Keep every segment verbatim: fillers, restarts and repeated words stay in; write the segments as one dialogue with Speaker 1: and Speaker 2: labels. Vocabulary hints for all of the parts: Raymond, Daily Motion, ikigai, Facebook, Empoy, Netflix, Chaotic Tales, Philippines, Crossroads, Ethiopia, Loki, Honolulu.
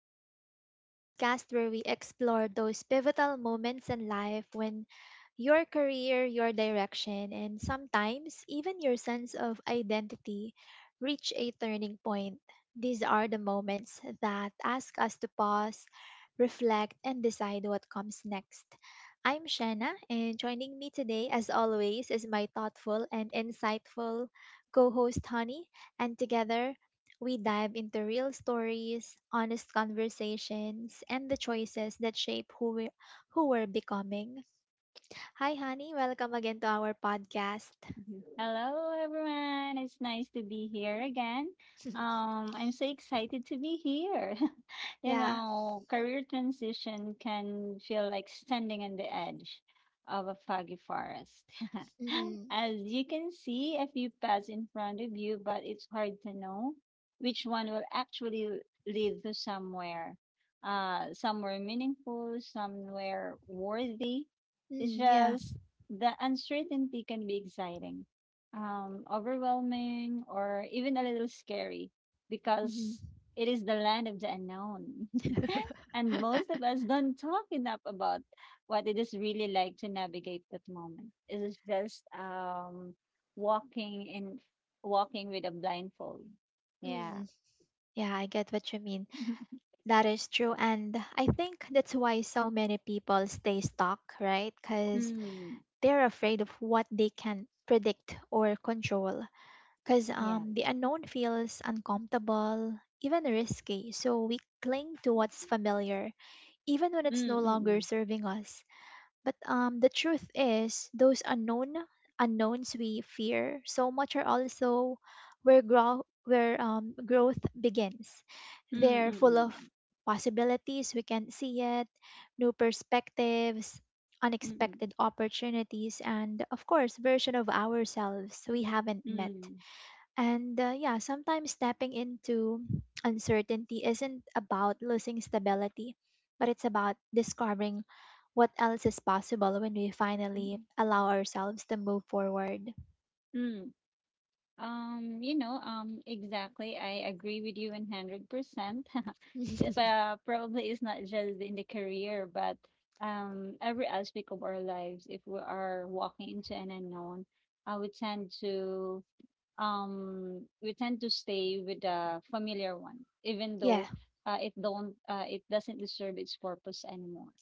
Speaker 1: Crossroads, the podcast where we explore those pivotal moments in life when your career, your direction, and sometimes even your sense of identity reach a turning point. These are the moments that ask us to pause, reflect, and decide what comes next. I'm Shanna, and joining me today, as always, is my thoughtful and insightful co host, Honey, and together we dive into real stories, honest conversations, and the choices that shape who we who we're becoming. Hi, honey. Welcome again to our podcast.
Speaker 2: Hello, everyone. It's nice to be here again. Um, I'm so excited to be here. You
Speaker 1: Yeah.
Speaker 2: know, career transition can feel like standing on the edge of a foggy forest.
Speaker 1: Mm-hmm.
Speaker 2: As you can see, a few paths in front of you, but it's hard to know which one will actually lead to somewhere. Uh, somewhere meaningful, somewhere worthy. It's
Speaker 1: Mm, yeah.
Speaker 2: just the uncertainty can be exciting, um, overwhelming, or even a little scary
Speaker 1: Mm-hmm.
Speaker 2: because it is the land of the unknown. And most of us don't talk enough about what it is really like to navigate that moment. It is just um, walking in walking with a blindfold. Yeah.
Speaker 1: Mm, yeah, I get what you mean. That is true. And I think that's why so many people stay stuck, right? Because
Speaker 2: Mm,
Speaker 1: they're afraid of what they can predict or control. because
Speaker 2: yeah.
Speaker 1: um, the unknown feels uncomfortable, even risky. So we cling to what's familiar, even when it's no
Speaker 2: Mm, mm,
Speaker 1: longer
Speaker 2: mm,
Speaker 1: serving us. But um, the truth is, those unknown unknowns we fear so much are also where grow where um, growth begins.
Speaker 2: mm,
Speaker 1: They're
Speaker 2: mm,
Speaker 1: full of
Speaker 2: mm,
Speaker 1: possibilities we can't see yet, new perspectives.
Speaker 2: mm,
Speaker 1: Unexpected opportunities, and of course, version of ourselves we haven't
Speaker 2: mm,
Speaker 1: met.
Speaker 2: mm,
Speaker 1: And uh, yeah, sometimes stepping into uncertainty isn't about losing stability, but it's about discovering what else is possible when we
Speaker 2: mm,
Speaker 1: finally allow ourselves to move forward.
Speaker 2: mm. Um, you know, um, exactly. I agree with you one hundred percent. It uh, probably is not just in the career, but um, every aspect of our lives. If we are walking into an unknown, uh, we tend to um, we tend to stay with the familiar one, even
Speaker 1: Yeah,
Speaker 2: though uh, it don't uh, it doesn't serve its purpose anymore.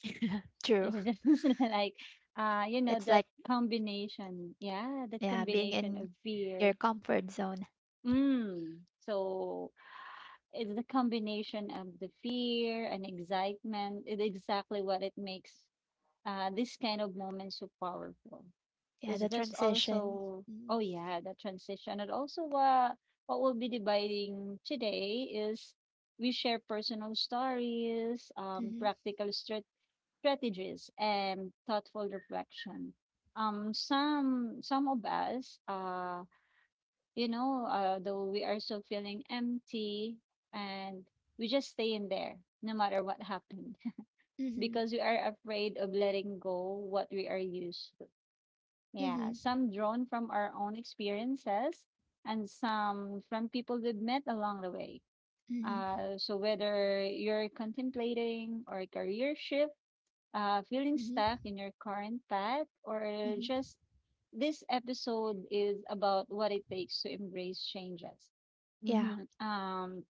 Speaker 1: true.
Speaker 2: It's just like uh, you know,
Speaker 1: It's
Speaker 2: that
Speaker 1: like,
Speaker 2: combination, yeah, that
Speaker 1: yeah, being
Speaker 2: combination
Speaker 1: in
Speaker 2: of fear.
Speaker 1: your comfort zone.
Speaker 2: Mm. So it's the combination of the fear and excitement. It's exactly what it makes uh, this kind of moment so powerful.
Speaker 1: Yeah,
Speaker 2: It's
Speaker 1: the
Speaker 2: just
Speaker 1: transition.
Speaker 2: also, oh
Speaker 1: Mm-hmm.
Speaker 2: yeah, the transition. And also, uh, what we'll be debating today is we share personal stories, um,
Speaker 1: Mm-hmm.
Speaker 2: practical strat- strategies, and thoughtful reflection. Um, some some of us uh you know, uh, though we are so feeling empty and we just stay in there no matter what happened,
Speaker 1: Mm-hmm.
Speaker 2: because we are afraid of letting go what we are used to. Yeah,
Speaker 1: Mm-hmm.
Speaker 2: some drawn from our own experiences and some from people we've met along the way.
Speaker 1: Mm-hmm.
Speaker 2: Uh, so whether you're contemplating or a career shift, uh, feeling
Speaker 1: Mm-hmm.
Speaker 2: stuck in your current path, or
Speaker 1: Mm-hmm.
Speaker 2: just this episode is about what it takes to embrace changes.
Speaker 1: Yeah,
Speaker 2: Mm-hmm. Um,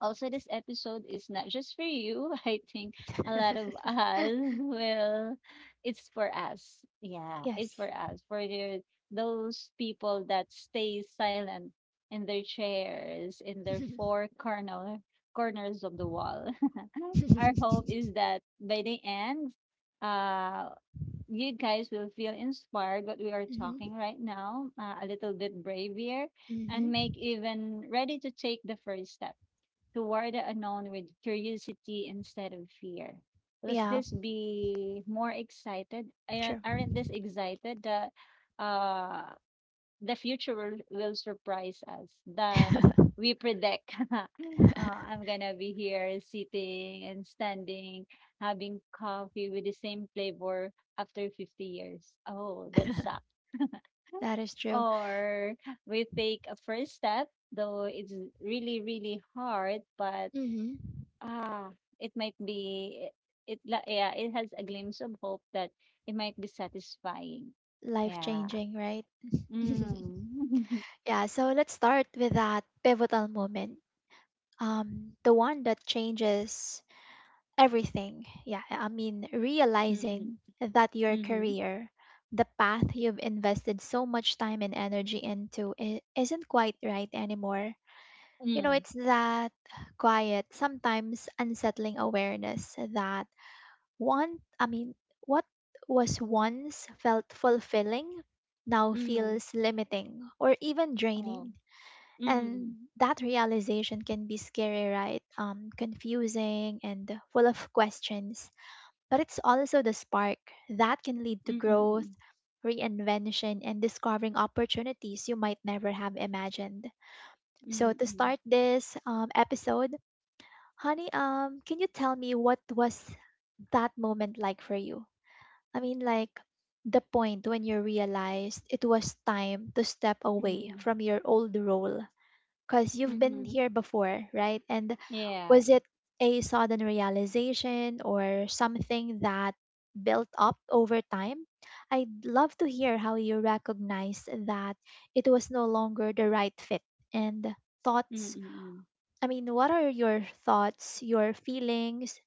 Speaker 2: Also, this episode is not just for you. I think a lot of us will. It's for us. Yeah, it's
Speaker 1: yes.
Speaker 2: for us. For the, those people that stay silent in their chairs, in their four corner corners of the wall. Our hope
Speaker 1: mm-hmm.
Speaker 2: is that by the end, uh, you guys will feel inspired what we are talking right now, uh, a little bit braver, and
Speaker 1: Mm-hmm.
Speaker 2: make even ready to take the first step toward the unknown with curiosity instead of fear. Let's
Speaker 1: Yeah,
Speaker 2: just be more excited. Aren't
Speaker 1: true.
Speaker 2: aren't this excited that uh, the future will, will surprise us than we predict? uh, I'm gonna be here sitting and standing, having coffee with the same flavor after fifty years. Oh, that sucks.
Speaker 1: That is true.
Speaker 2: Or we take a first step, though it's really, really hard, but
Speaker 1: Hmm.
Speaker 2: ah, it might be it la yeah, it has a glimpse of hope that it might be satisfying.
Speaker 1: Life
Speaker 2: Yeah.
Speaker 1: changing, right?
Speaker 2: Mm.
Speaker 1: Yeah, so let's start with that pivotal moment. Um, the one that changes everything. Yeah, I mean,
Speaker 2: Mm-mm.
Speaker 1: realizing that your
Speaker 2: Mhm.
Speaker 1: career, the path you've invested so much time and energy into, I isn't quite right anymore. You know,
Speaker 2: Mm.
Speaker 1: it's that quiet, sometimes unsettling awareness that One, I mean, what was once felt fulfilling now
Speaker 2: Mm.
Speaker 1: feels limiting or even
Speaker 2: Oh.
Speaker 1: draining.
Speaker 2: Mm-mm.
Speaker 1: And that realization can be scary, right? Um, confusing and full of questions. But it's also the spark that can lead to growth,
Speaker 2: Mm-mm.
Speaker 1: reinvention, and discovering opportunities you might never have imagined. So, to
Speaker 2: Mm-mm.
Speaker 1: start this um, episode, honey, um, can you tell me what was that moment like for you? I mean, like the point when you realized it was time to step away
Speaker 2: Mhm.
Speaker 1: from your old role because you've been
Speaker 2: Mhm.
Speaker 1: here before, right? And
Speaker 2: Yeah.
Speaker 1: was it a sudden realization or something that built up over time? I'd love to hear how you recognized that it was no longer the right fit and thoughts.
Speaker 2: Mm-mm.
Speaker 1: I mean, what are your thoughts, your feelings?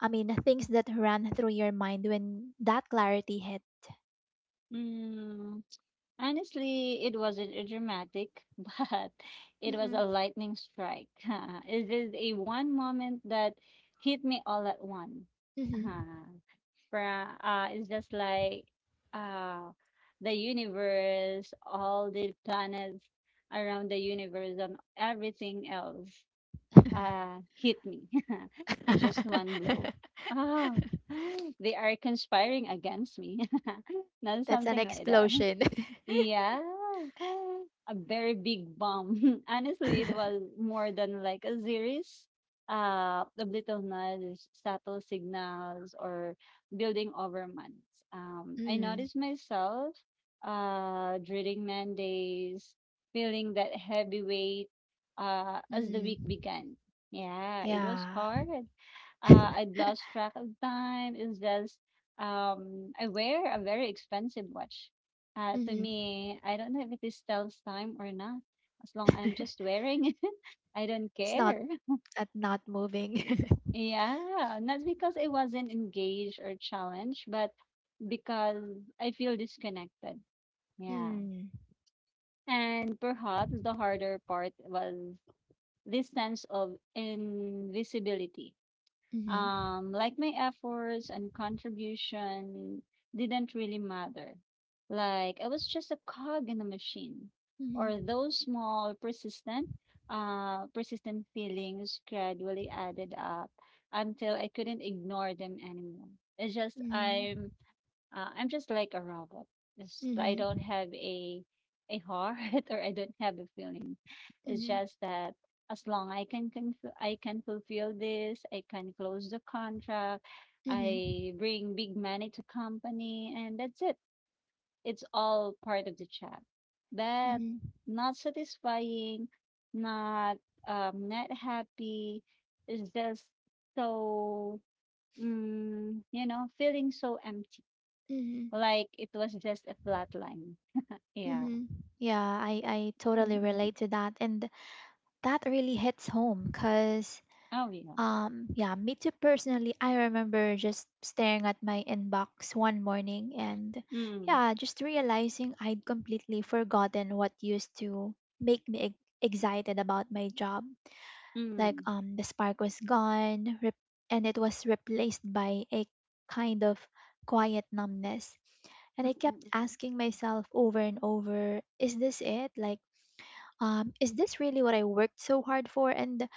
Speaker 1: I mean, things that ran through your mind when that clarity hit?
Speaker 2: Mm. Honestly, it wasn't a dramatic, but it was
Speaker 1: Mm-mm.
Speaker 2: a lightning strike. It is a one moment that hit me all at once.
Speaker 1: Mhm.
Speaker 2: Fra uh, It's just like uh, the universe, all the planets around the universe, and everything else uh, hit me in just one blow. Ah, they are conspiring against me. Not
Speaker 1: That's an
Speaker 2: something like that.
Speaker 1: explosion.
Speaker 2: Yeah. A very big bomb. Honestly, it was more than like a series uh, of little nudges, subtle signals, or building over months. Um, I
Speaker 1: mm.
Speaker 2: noticed myself uh, during Mondays, feeling that heavy weight uh, as the
Speaker 1: Mm.
Speaker 2: week began. Yeah, it was
Speaker 1: Yeah.
Speaker 2: hard, uh, I'd lost track of time. It's just um, I wear a very expensive watch. Uh, to
Speaker 1: Mm.
Speaker 2: me, I don't know if it is tells time or not. As long I'm just wearing it, I don't
Speaker 1: It's not
Speaker 2: care.
Speaker 1: uh, not moving.
Speaker 2: Yeah, not because I wasn't engaged or challenged, but because I feel disconnected. Yeah.
Speaker 1: Mm.
Speaker 2: And perhaps the harder part was this sense of invisibility.
Speaker 1: Mm-hmm.
Speaker 2: Um, like my efforts and contribution didn't really matter. Like I was just a cog in a machine,
Speaker 1: Mm-hmm.
Speaker 2: or those small persistent, uh, persistent feelings gradually added up until I couldn't ignore them anymore. It's just
Speaker 1: Mm-hmm.
Speaker 2: I'm uh, I'm just like a robot. Just I
Speaker 1: Mm-hmm.
Speaker 2: don't have a a heart, or I don't have a feeling. It's
Speaker 1: Mm-hmm.
Speaker 2: just that as long I can conf- I can fulfill this, I can close the contract,
Speaker 1: Mm-hmm.
Speaker 2: I bring big money to company, and that's it. It's all part of the job, but
Speaker 1: Mm-hmm.
Speaker 2: not satisfying, not um, not happy. It's just so mm, you know, feeling so empty
Speaker 1: Mm-hmm.
Speaker 2: like it was just a flat line. Yeah.
Speaker 1: Mm-hmm. Yeah, I, I totally
Speaker 2: Mm.
Speaker 1: relate to that. And that really hits home because
Speaker 2: Oh, yeah.
Speaker 1: Um, yeah, me too personally. I remember just staring at my inbox one morning and
Speaker 2: Mm,
Speaker 1: yeah, just realizing I'd completely forgotten what used to make me ex- excited about my job. Like
Speaker 2: mm,
Speaker 1: um the spark was gone rep- and it was replaced by a kind of quiet numbness. And I kept
Speaker 2: mm,
Speaker 1: asking myself over and over, is this it? Like um is this really what I worked so hard for? And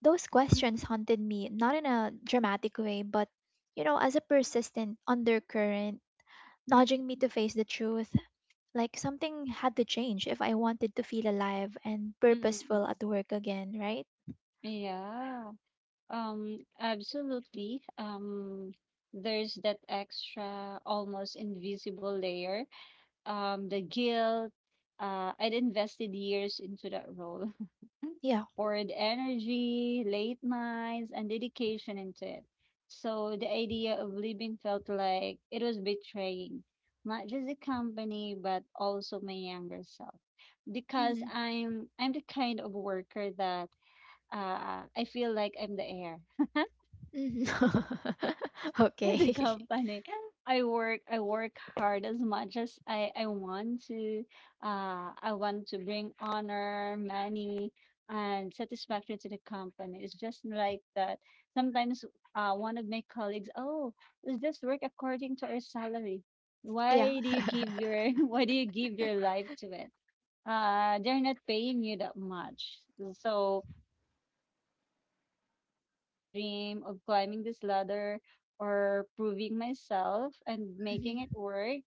Speaker 1: those
Speaker 2: mm, mm,
Speaker 1: questions haunted me, not in a dramatic way, but, you know, as a persistent undercurrent,
Speaker 2: mm,
Speaker 1: nudging me to face the truth. Like something had to change if I wanted to feel alive and
Speaker 2: mm,
Speaker 1: purposeful
Speaker 2: mm.
Speaker 1: at work again, right?
Speaker 2: Yeah, um, absolutely. Um, there's that extra, almost invisible layer. Um, the guilt. Uh, I'd invested years into that role,
Speaker 1: Yeah.
Speaker 2: poured energy, late nights, and dedication into it. So the idea of leaving felt like it was betraying not just the company but also my younger self because
Speaker 1: Hmm.
Speaker 2: I'm I'm the kind of worker that uh, I feel like I'm the heir.
Speaker 1: Hmm. Okay.
Speaker 2: The company. I work I work hard as much as I I want to. Uh, I want to bring honor, money, and satisfaction to the company. It's just like that. Sometimes uh, one of my colleagues, oh, let's just work according to our salary.
Speaker 1: Yeah.
Speaker 2: Why do you give your why do you give your life to it? Uh, they're not paying you that much, so that that version of me that once dream of climbing this ladder or proving myself and making it
Speaker 1: Hmm.
Speaker 2: work,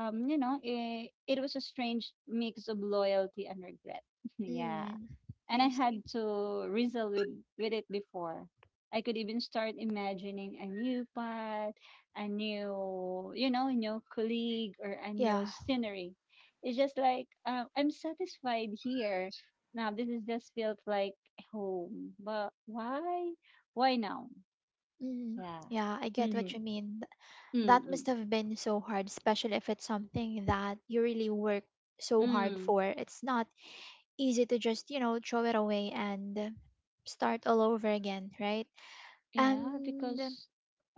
Speaker 2: um you know, it, it was a strange mix of loyalty and regret. Yeah,
Speaker 1: Mm.
Speaker 2: and I
Speaker 1: I see.
Speaker 2: had to wrestle with, with it before. I could even start imagining a new path, a new, you know, new colleague or a new
Speaker 1: Yeah.
Speaker 2: scenery. It's just like uh, I'm satisfied here. Now this is just felt like home, but why? Why now?
Speaker 1: Mhm.
Speaker 2: Yeah.
Speaker 1: Yeah, I get what
Speaker 2: Mm-hmm.
Speaker 1: you mean. Th- That
Speaker 2: Mm-mm.
Speaker 1: must have been so hard, especially if it's something that you really work so hard
Speaker 2: Mm.
Speaker 1: for. It's not easy to just, you know, throw it away and start all over again, right?
Speaker 2: Yeah,
Speaker 1: And
Speaker 2: because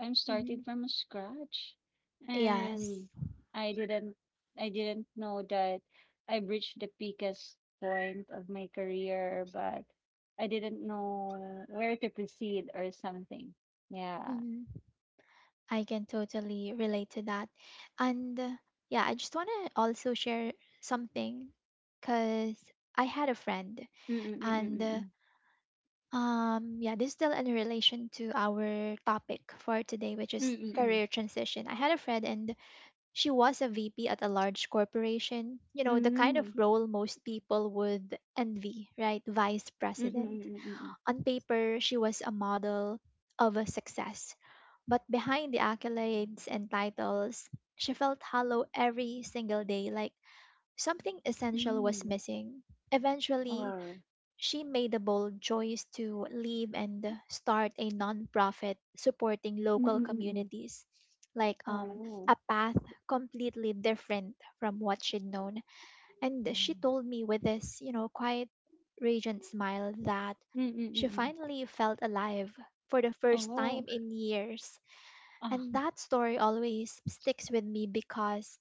Speaker 2: I'm started
Speaker 1: mhm,
Speaker 2: from scratch
Speaker 1: yes,
Speaker 2: and I didn't I didn't know that I've reached the peakest point of my career, but I didn't know where to proceed or something. Yeah.
Speaker 1: mhm, I can totally relate to that. And uh, yeah, I just want to also share something because I had a friend and uh,
Speaker 2: Mm-mm-mm-mm-mm.
Speaker 1: Um, yeah, this is still in relation to our topic for today, which is
Speaker 2: Mm-mm-mm.
Speaker 1: career transition. I had a friend and she was a V P at a large corporation, you know, the kind of
Speaker 2: Mm-mm.
Speaker 1: role most people would envy, right? Vice president.
Speaker 2: Mm-mm-mm-mm-mm.
Speaker 1: On paper, she was a model of a success, but behind the accolades and titles, she felt hollow every single day, like something essential was
Speaker 2: Mm.
Speaker 1: missing. Eventually,
Speaker 2: Oh.
Speaker 1: she made the bold choice to leave and start a nonprofit supporting local
Speaker 2: Mm-mm-mm-mm.
Speaker 1: communities, like um,
Speaker 2: Oh.
Speaker 1: a path completely different from what she'd known. And she told me with this, you know, quiet, radiant smile that she
Speaker 2: Mm-mm-mm-mm.
Speaker 1: finally felt alive for the first time
Speaker 2: Oh.
Speaker 1: in years.
Speaker 2: Ah.
Speaker 1: And that story always sticks with me because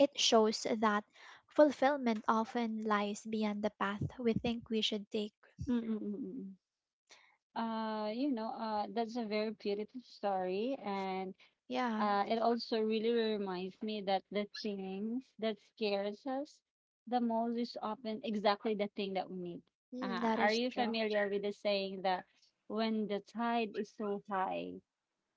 Speaker 1: it shows that fulfillment often lies beyond the path we think we should take.
Speaker 2: Mm-mm-mm-mm. Uh you know, uh that's a very beautiful story, and
Speaker 1: Yeah.
Speaker 2: uh it also really reminds me that the things that scares us the most is often exactly the thing that we need.
Speaker 1: Mm,
Speaker 2: Uh,
Speaker 1: that
Speaker 2: are
Speaker 1: is
Speaker 2: you
Speaker 1: true.
Speaker 2: familiar with the saying that when the tide is so high,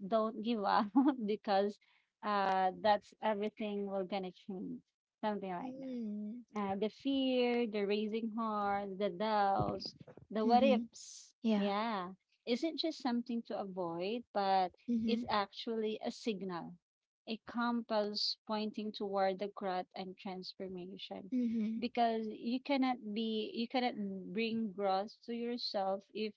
Speaker 2: don't give up, because uh that's everything we're gonna change, something like that?
Speaker 1: Mm.
Speaker 2: Uh, the fear, the raising heart, the doubts, the what
Speaker 1: Mm-hmm.
Speaker 2: ifs.
Speaker 1: Yeah.
Speaker 2: Yeah. Isn't just something to avoid, but it's
Speaker 1: Mm-hmm.
Speaker 2: actually a signal, a compass pointing toward the growth and transformation.
Speaker 1: Mm-hmm.
Speaker 2: Because you cannot be, you cannot bring growth to yourself if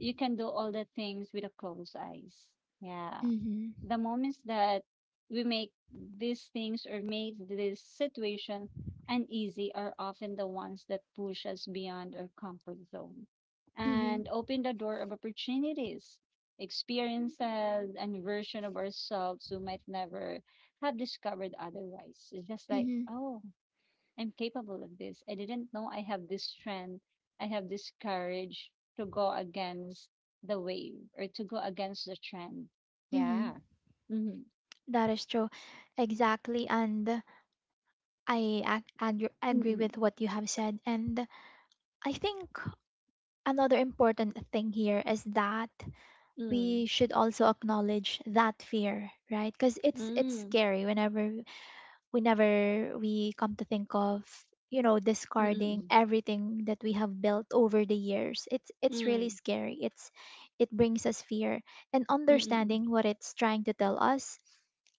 Speaker 2: you can do all the things with a closed eyes. Yeah,
Speaker 1: Mm-hmm.
Speaker 2: the moments that we make these things or make this situation uneasy are often the ones that push us beyond our comfort zone
Speaker 1: Mm-hmm.
Speaker 2: and open the door of opportunities, experiences, and version of ourselves who might never have discovered otherwise. It's just like,
Speaker 1: Mm-hmm.
Speaker 2: oh, I'm capable of this. I didn't know I have this strength. I have this courage to go against the wave or to go against the trend.
Speaker 1: Mm-hmm.
Speaker 2: Yeah. Mm-hmm.
Speaker 1: That is true. Exactly. And I ac- and agree
Speaker 2: Mm-mm.
Speaker 1: with what you have said. And I think another important thing here is that
Speaker 2: Mm.
Speaker 1: we should also acknowledge that fear, right? Because it's it's
Speaker 2: Mm.
Speaker 1: scary whenever whenever we come to think of, you know, discarding
Speaker 2: Mm-mm.
Speaker 1: everything that we have built over the years. It's it's really
Speaker 2: Mm.
Speaker 1: scary. It's it brings us fear, and
Speaker 2: Mm-mm.
Speaker 1: understanding what it's trying to tell us,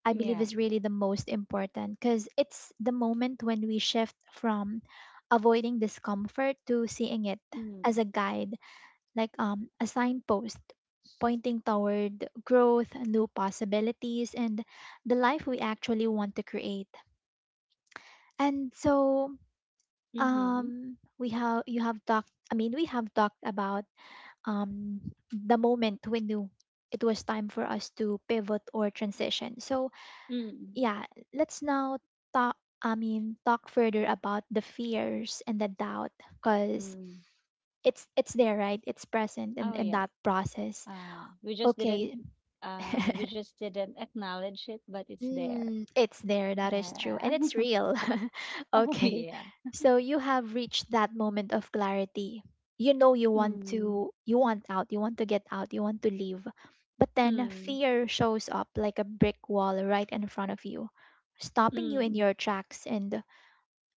Speaker 1: I believe,
Speaker 2: Yeah.
Speaker 1: is really the most important, because it's the moment when we shift from avoiding discomfort to seeing it as
Speaker 2: Mm.
Speaker 1: a guide, like um a signpost pointing toward growth, new possibilities, and the life we actually want to create. and so
Speaker 2: Mm-hmm.
Speaker 1: um we have you have talked I mean we have talked about um the moment we knew it was time for us to pivot or transition. So
Speaker 2: Mm.
Speaker 1: yeah, let's now talk I mean talk further about the fears and the doubt, because
Speaker 2: Mm.
Speaker 1: it's it's there, right? It's present in,
Speaker 2: Oh
Speaker 1: in
Speaker 2: yeah.
Speaker 1: that process.
Speaker 2: Uh, we just didn't
Speaker 1: Okay.
Speaker 2: uh we just didn't acknowledge it, but it's there.
Speaker 1: Mm, it's there, that is true,
Speaker 2: Yeah.
Speaker 1: and it's real.
Speaker 2: Oh
Speaker 1: Okay,
Speaker 2: yeah.
Speaker 1: so you have reached that moment of clarity. You know you want
Speaker 2: Mm.
Speaker 1: to, you want out, you want to get out, you want to leave, but then
Speaker 2: Mm.
Speaker 1: fear shows up like a brick wall right in front of you, stopping you in
Speaker 2: Mm.
Speaker 1: your tracks, and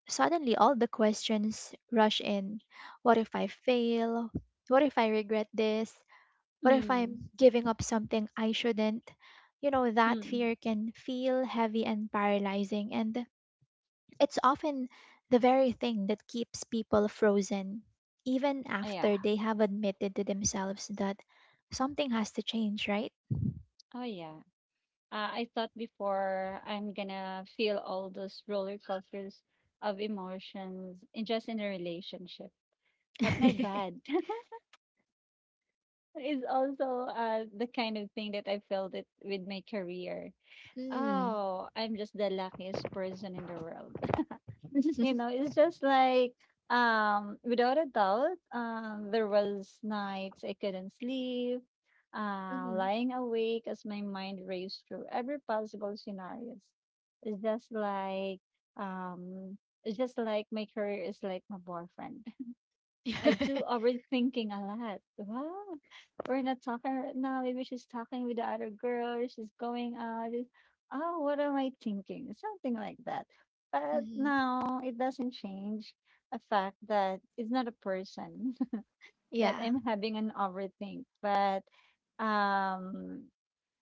Speaker 1: suddenly all the questions rush in. What if I fail? What if I regret this? What if
Speaker 2: Mm.
Speaker 1: I'm giving up something I shouldn't? You know, that
Speaker 2: Mm.
Speaker 1: fear can feel heavy and paralyzing, and it's often the very thing that keeps people frozen, even
Speaker 2: Oh yeah.
Speaker 1: after they have admitted to themselves that something has to change, right?
Speaker 2: Oh yeah. Uh, I thought before I'm gonna feel all those roller coasters of emotions in just in a relationship. But my
Speaker 1: Mm.
Speaker 2: bad is also uh the kind of thing that I felt it with my career. Oh, I'm just the luckiest person in the world. You know, it's just like, um, without a doubt, um, there was nights I couldn't sleep, uh,
Speaker 1: Hmm.
Speaker 2: lying awake as my mind raced through every possible scenarios. It's just like, um, it's just like my career is like my boyfriend. I do overthinking a lot. Wow, we're not talking right now. Maybe she's talking with the other girl. She's going out. She's- oh, what am I thinking? Something like that. But
Speaker 1: Hmm.
Speaker 2: no, it doesn't change the fact that it's not a person that
Speaker 1: Yeah.
Speaker 2: I'm having an overthink. But um,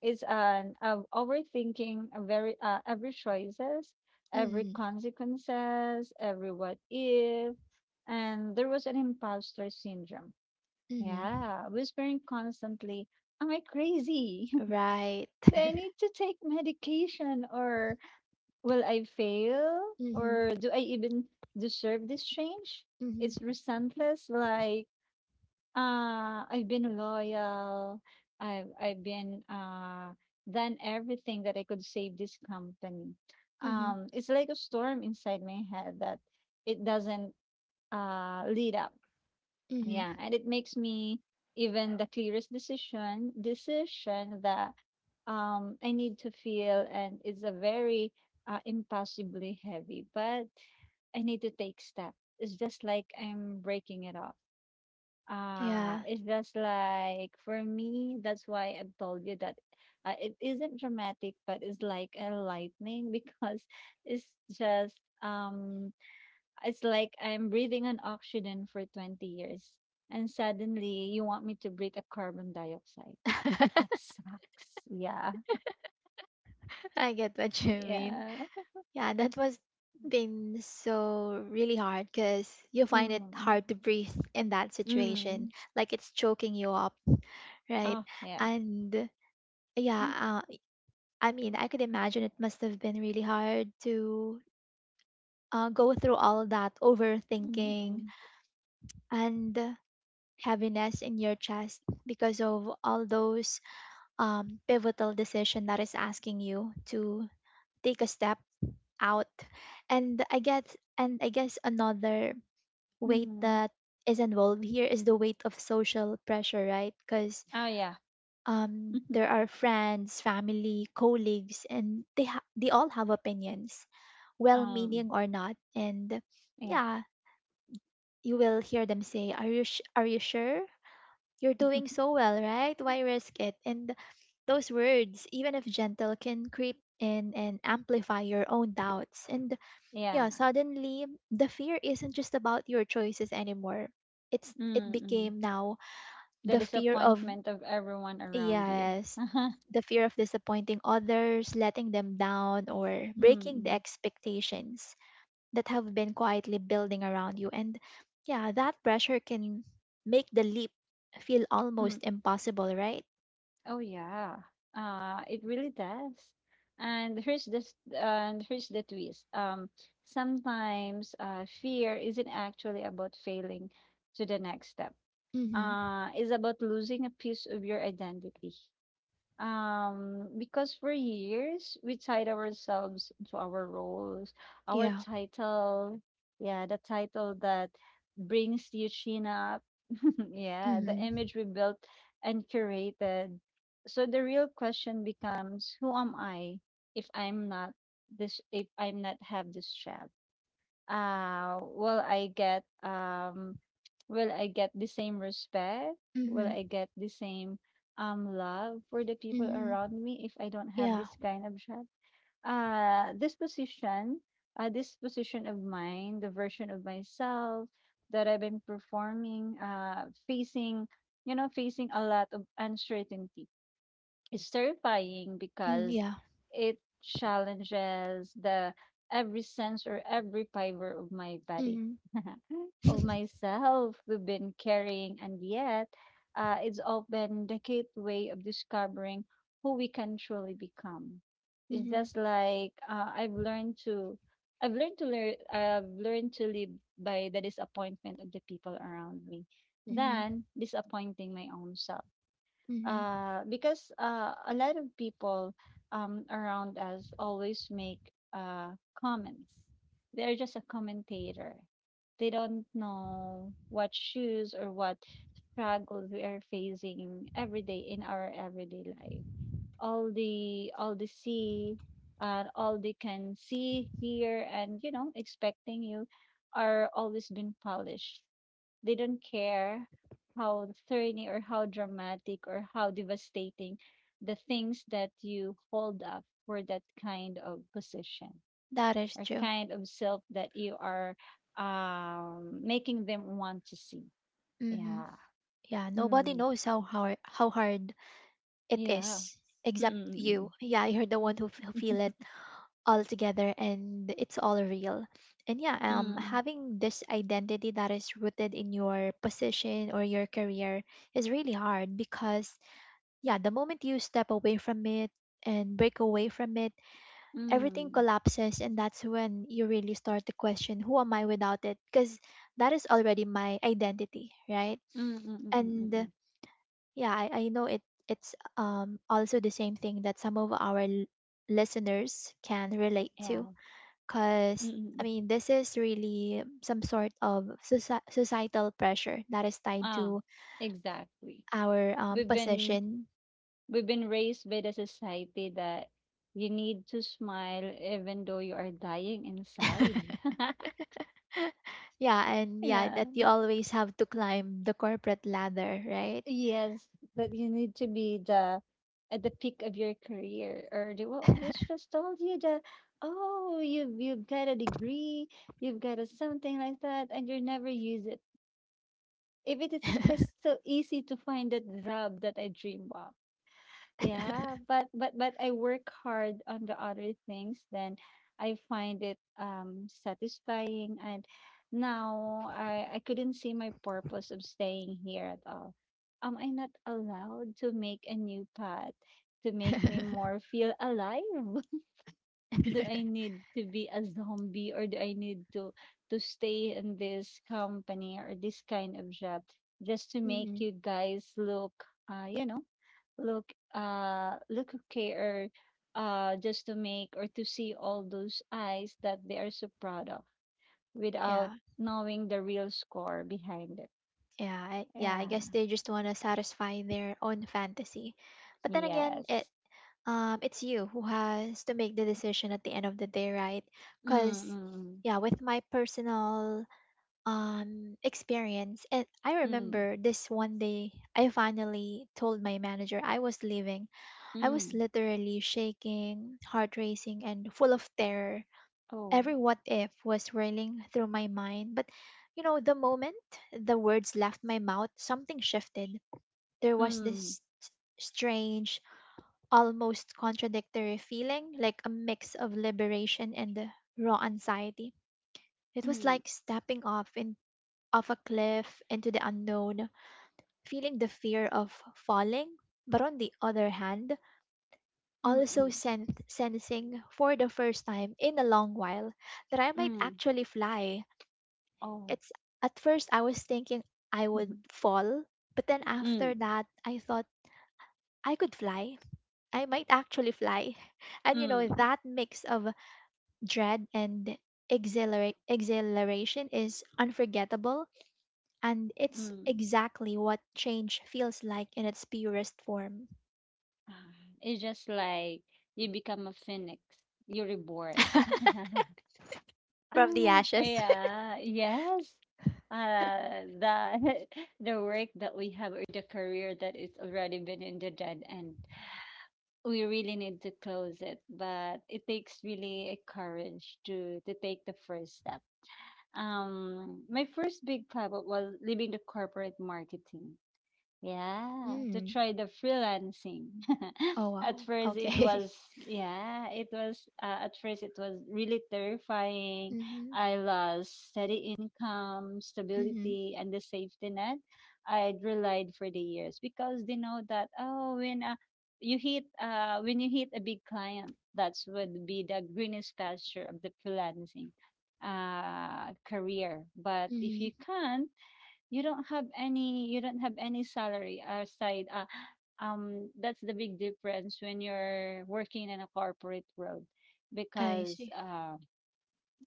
Speaker 2: is an of overthinking a very uh, every choices, every
Speaker 1: Hmm.
Speaker 2: consequences, every what if, and there was an imposter syndrome.
Speaker 1: Hmm.
Speaker 2: Yeah, whispering constantly, "Am I crazy?
Speaker 1: Right.
Speaker 2: Do I need to take medication, or will I fail,
Speaker 1: Hmm.
Speaker 2: or do I even deserve this change?"
Speaker 1: Hmm.
Speaker 2: It's resentless, like uh, I've been loyal. I've I've been uh done everything that I could save this company.
Speaker 1: Hmm.
Speaker 2: Um, it's like a storm inside my head that it doesn't uh lead up.
Speaker 1: Hmm.
Speaker 2: Yeah, and it makes me even the clearest decision decision that um I need to feel, and it's a very uh, impossibly heavy, but I need to take step. It's just like I'm breaking it up.
Speaker 1: Yeah,
Speaker 2: Ah, it's just like for me, that's why I've told you that uh, it isn't dramatic, but it's like a lightning because it's just um it's like I'm breathing on oxygen for twenty years and suddenly you want me to breathe a carbon dioxide. That sucks. Yeah.
Speaker 1: I get what you mean.
Speaker 2: Yeah.
Speaker 1: Yeah, that was been so really hard because you find it
Speaker 2: Mm.
Speaker 1: hard to breathe in that situation.
Speaker 2: Mm.
Speaker 1: Like it's choking you up, right?
Speaker 2: Oh, yeah.
Speaker 1: And yeah,
Speaker 2: Mm.
Speaker 1: uh, I mean, I could imagine it must have been really hard to uh, go through all that overthinking
Speaker 2: Mm.
Speaker 1: and heaviness in your chest because of all those um, pivotal decision that is asking you to take a step out. And I guess, and I guess another
Speaker 2: Mm.
Speaker 1: weight
Speaker 2: Mm.
Speaker 1: that is involved here is the weight of social pressure, right? Because
Speaker 2: Oh, yeah.
Speaker 1: um, there are friends, family, colleagues, and they ha- they all have opinions,
Speaker 2: Um,
Speaker 1: well-meaning or not. And
Speaker 2: yeah.
Speaker 1: yeah, you will hear them say, "Are you sh- are you sure? You're doing so well, right? Why risk it?" And those words, even if gentle, can creep in and amplify your own doubts. And
Speaker 2: Yeah.
Speaker 1: yeah, suddenly the fear isn't just about your choices anymore. it's it
Speaker 2: Mm,
Speaker 1: became now
Speaker 2: the
Speaker 1: the fear of,
Speaker 2: disappointment of everyone around you.
Speaker 1: yes, the fear of disappointing others, letting them down, or breaking the
Speaker 2: Mm,
Speaker 1: expectations that have been quietly building around you. And yeah, that pressure can make the leap feel
Speaker 2: mm.
Speaker 1: almost impossible, right?
Speaker 2: Oh yeah. Uh, it really does. And here's this, and here's the twist. Um, sometimes uh, fear isn't actually about failing to the next step.
Speaker 1: Mm-hmm.
Speaker 2: Uh, it's about losing a piece of your identity. Um, because for years we tied ourselves to our roles, our
Speaker 1: Yeah.
Speaker 2: title, yeah, the title that brings you chin up, yeah, the
Speaker 1: Mm-hmm.
Speaker 2: image we built and curated. So the real question becomes, who am I if I'm not this, if I'm not have this job? Uh, will I get um Will I get the same respect? Will
Speaker 1: Mm-hmm.
Speaker 2: I get the same um love for the people
Speaker 1: Mm-hmm.
Speaker 2: around me if I don't have
Speaker 1: Yeah.
Speaker 2: this kind of job? Uh this position, uh this position of mine, the version of myself that I've been performing, uh facing, you know, facing a lot of uncertainty. It's terrifying
Speaker 1: Mm,
Speaker 2: because
Speaker 1: yeah.
Speaker 2: it challenges the every sense or every fiber of my body,
Speaker 1: Mm-hmm.
Speaker 2: of myself we've been carrying, and yet uh, it's often the gateway of discovering who we can truly become. It's
Speaker 1: Mm-hmm.
Speaker 2: just like uh, I've learned to. I've learned to learn. I've learned to live by the disappointment of the people around me,
Speaker 1: Mm-hmm.
Speaker 2: than disappointing my own self
Speaker 1: Mm-hmm.
Speaker 2: uh, because uh, a lot of people um, around us always make uh, comments. They're just a commentator. They don't know what shoes or what struggles we are facing every day in our everyday life. All the all the see, uh, all they can see, hear, and you know, expecting you are always been polished. They don't care how thorny or how dramatic or how devastating the things that you hold up for that kind of position
Speaker 1: That is
Speaker 2: or
Speaker 1: true.
Speaker 2: kind of self that you are um, making them want to see.
Speaker 1: Hmm.
Speaker 2: Yeah.
Speaker 1: Yeah, nobody
Speaker 2: Mm.
Speaker 1: knows how hard how hard it
Speaker 2: Yeah.
Speaker 1: is except you.
Speaker 2: Mm-mm.
Speaker 1: Yeah, you're the one who f- who feel it all together and it's all real. And yeah, um,
Speaker 2: Mm,
Speaker 1: having this identity that is rooted in your position or your career is really hard because yeah, the moment you step away from it and break away from it,
Speaker 2: mm,
Speaker 1: everything
Speaker 2: mm,
Speaker 1: collapses, and that's when you really start to question, who am I without it, because that is already my identity, right?
Speaker 2: mm, mm, mm, mm,
Speaker 1: And
Speaker 2: mm.
Speaker 1: yeah, I, I know it. It's um, also the same thing that some of our l- listeners can relate to,
Speaker 2: Yeah. Mm,
Speaker 1: because
Speaker 2: mm, mm.
Speaker 1: I mean this is really some sort of soci- societal pressure that is tied
Speaker 2: Ah,
Speaker 1: to
Speaker 2: exactly.
Speaker 1: our um,
Speaker 2: We've been
Speaker 1: position.
Speaker 2: We've been raised by the society that you need to smile even though you are dying inside.
Speaker 1: Yeah, and yeah,
Speaker 2: Yeah.
Speaker 1: that you always have to climb the corporate ladder, right?
Speaker 2: Yes, that you need to be the at the peak of your career, or they will always just told you that, oh, you you've got a degree, you've got a something like that, and you never use it. If it is just so easy to find that job that I dream of. Yeah, but but but I work hard on the other things, then I find it um satisfying, and now I I couldn't see my purpose of staying here at all. Am I not allowed to make a new path to make me more feel alive? Do I need to be a zombie or do I need to to stay in this company or this kind of job just to make
Speaker 1: Hmm.
Speaker 2: you guys look uh you know look uh look okay, or uh just to make or to see all those eyes that they are so proud of without
Speaker 1: Yeah,
Speaker 2: knowing the real score behind it.
Speaker 1: yeah, I- yeah. I
Speaker 2: Yeah,
Speaker 1: guess they just want to satisfy their own fantasy, but then again, it
Speaker 2: yes.
Speaker 1: um, it's you who has to make the decision at the end of the day, right? Because,
Speaker 2: Mm,
Speaker 1: yeah, with my personal um, experience, and I
Speaker 2: mm,
Speaker 1: remember this one day, I finally told my manager I was leaving.
Speaker 2: mm,
Speaker 1: I
Speaker 2: mm,
Speaker 1: was
Speaker 2: mm.
Speaker 1: literally shaking, heart racing, and full of terror.
Speaker 2: Oh.
Speaker 1: Every what if was swirling through my mind. But, you know, the moment the words left my mouth, something shifted. There was
Speaker 2: Mm,
Speaker 1: this strange, almost contradictory feeling, like a mix of liberation and uh, raw anxiety. It was
Speaker 2: mm,
Speaker 1: like stepping off in off a cliff into the unknown, feeling the fear of falling, but on the other hand,
Speaker 2: mm,
Speaker 1: also
Speaker 2: mm,
Speaker 1: sen- sensing for the first time in a long while that I might
Speaker 2: mm.
Speaker 1: actually fly.
Speaker 2: Oh.
Speaker 1: It's, at first I was thinking I
Speaker 2: Mhm.
Speaker 1: would fall, but then after
Speaker 2: Mm,
Speaker 1: that I thought I could fly. I might actually fly. And you know,
Speaker 2: mm,
Speaker 1: that mix of dread and exhilara- exhilaration is unforgettable, and it's
Speaker 2: mm.
Speaker 1: exactly what change feels like in its purest form.
Speaker 2: Ah, it's just like you become a phoenix, you're reborn.
Speaker 1: From the
Speaker 2: Ah,
Speaker 1: ashes.
Speaker 2: yeah, yes. Uh, the the work that we have or the career that is already been in the dead end, we really need to close it. But it takes really a courage to to take the first step. Um, my first big pivot was leaving the corporate marketing. Yeah, to
Speaker 1: Mm.
Speaker 2: try the freelancing.
Speaker 1: Oh
Speaker 2: At
Speaker 1: wow.
Speaker 2: first it
Speaker 1: Okay.
Speaker 2: was yeah, it was uh, at first it was really terrifying.
Speaker 1: Mm-hmm.
Speaker 2: I lost steady income,
Speaker 1: Mm-hmm.
Speaker 2: stability and the safety net I'd relied for the years, because they know that oh when uh, you hit uh when you hit a big client, that's would be the greenest pasture of the freelancing uh career. But if
Speaker 1: Mm-hmm.
Speaker 2: you can't, you don't have any you don't have any salary aside, uh, um that's the big difference when you're working in a corporate world
Speaker 1: I
Speaker 2: because
Speaker 1: see.
Speaker 2: uh,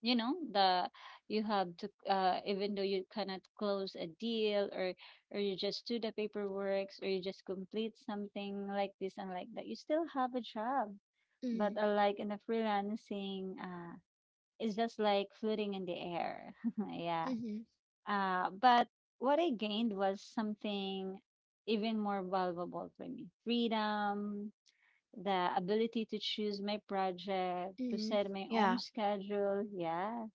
Speaker 2: you know, the you have to uh, even though you cannot close a deal or or you just do the paperwork or you just complete something like this and like that, you still have a job, but
Speaker 1: Mm.
Speaker 2: unlike in the freelancing, uh it's just like floating in the air. Yeah.
Speaker 1: Mm-hmm.
Speaker 2: Uh, but what I gained was something even more valuable for me: freedom, the ability to choose my project, to
Speaker 1: Mm-hmm.
Speaker 2: set my own
Speaker 1: Yeah.
Speaker 2: schedule, yeah,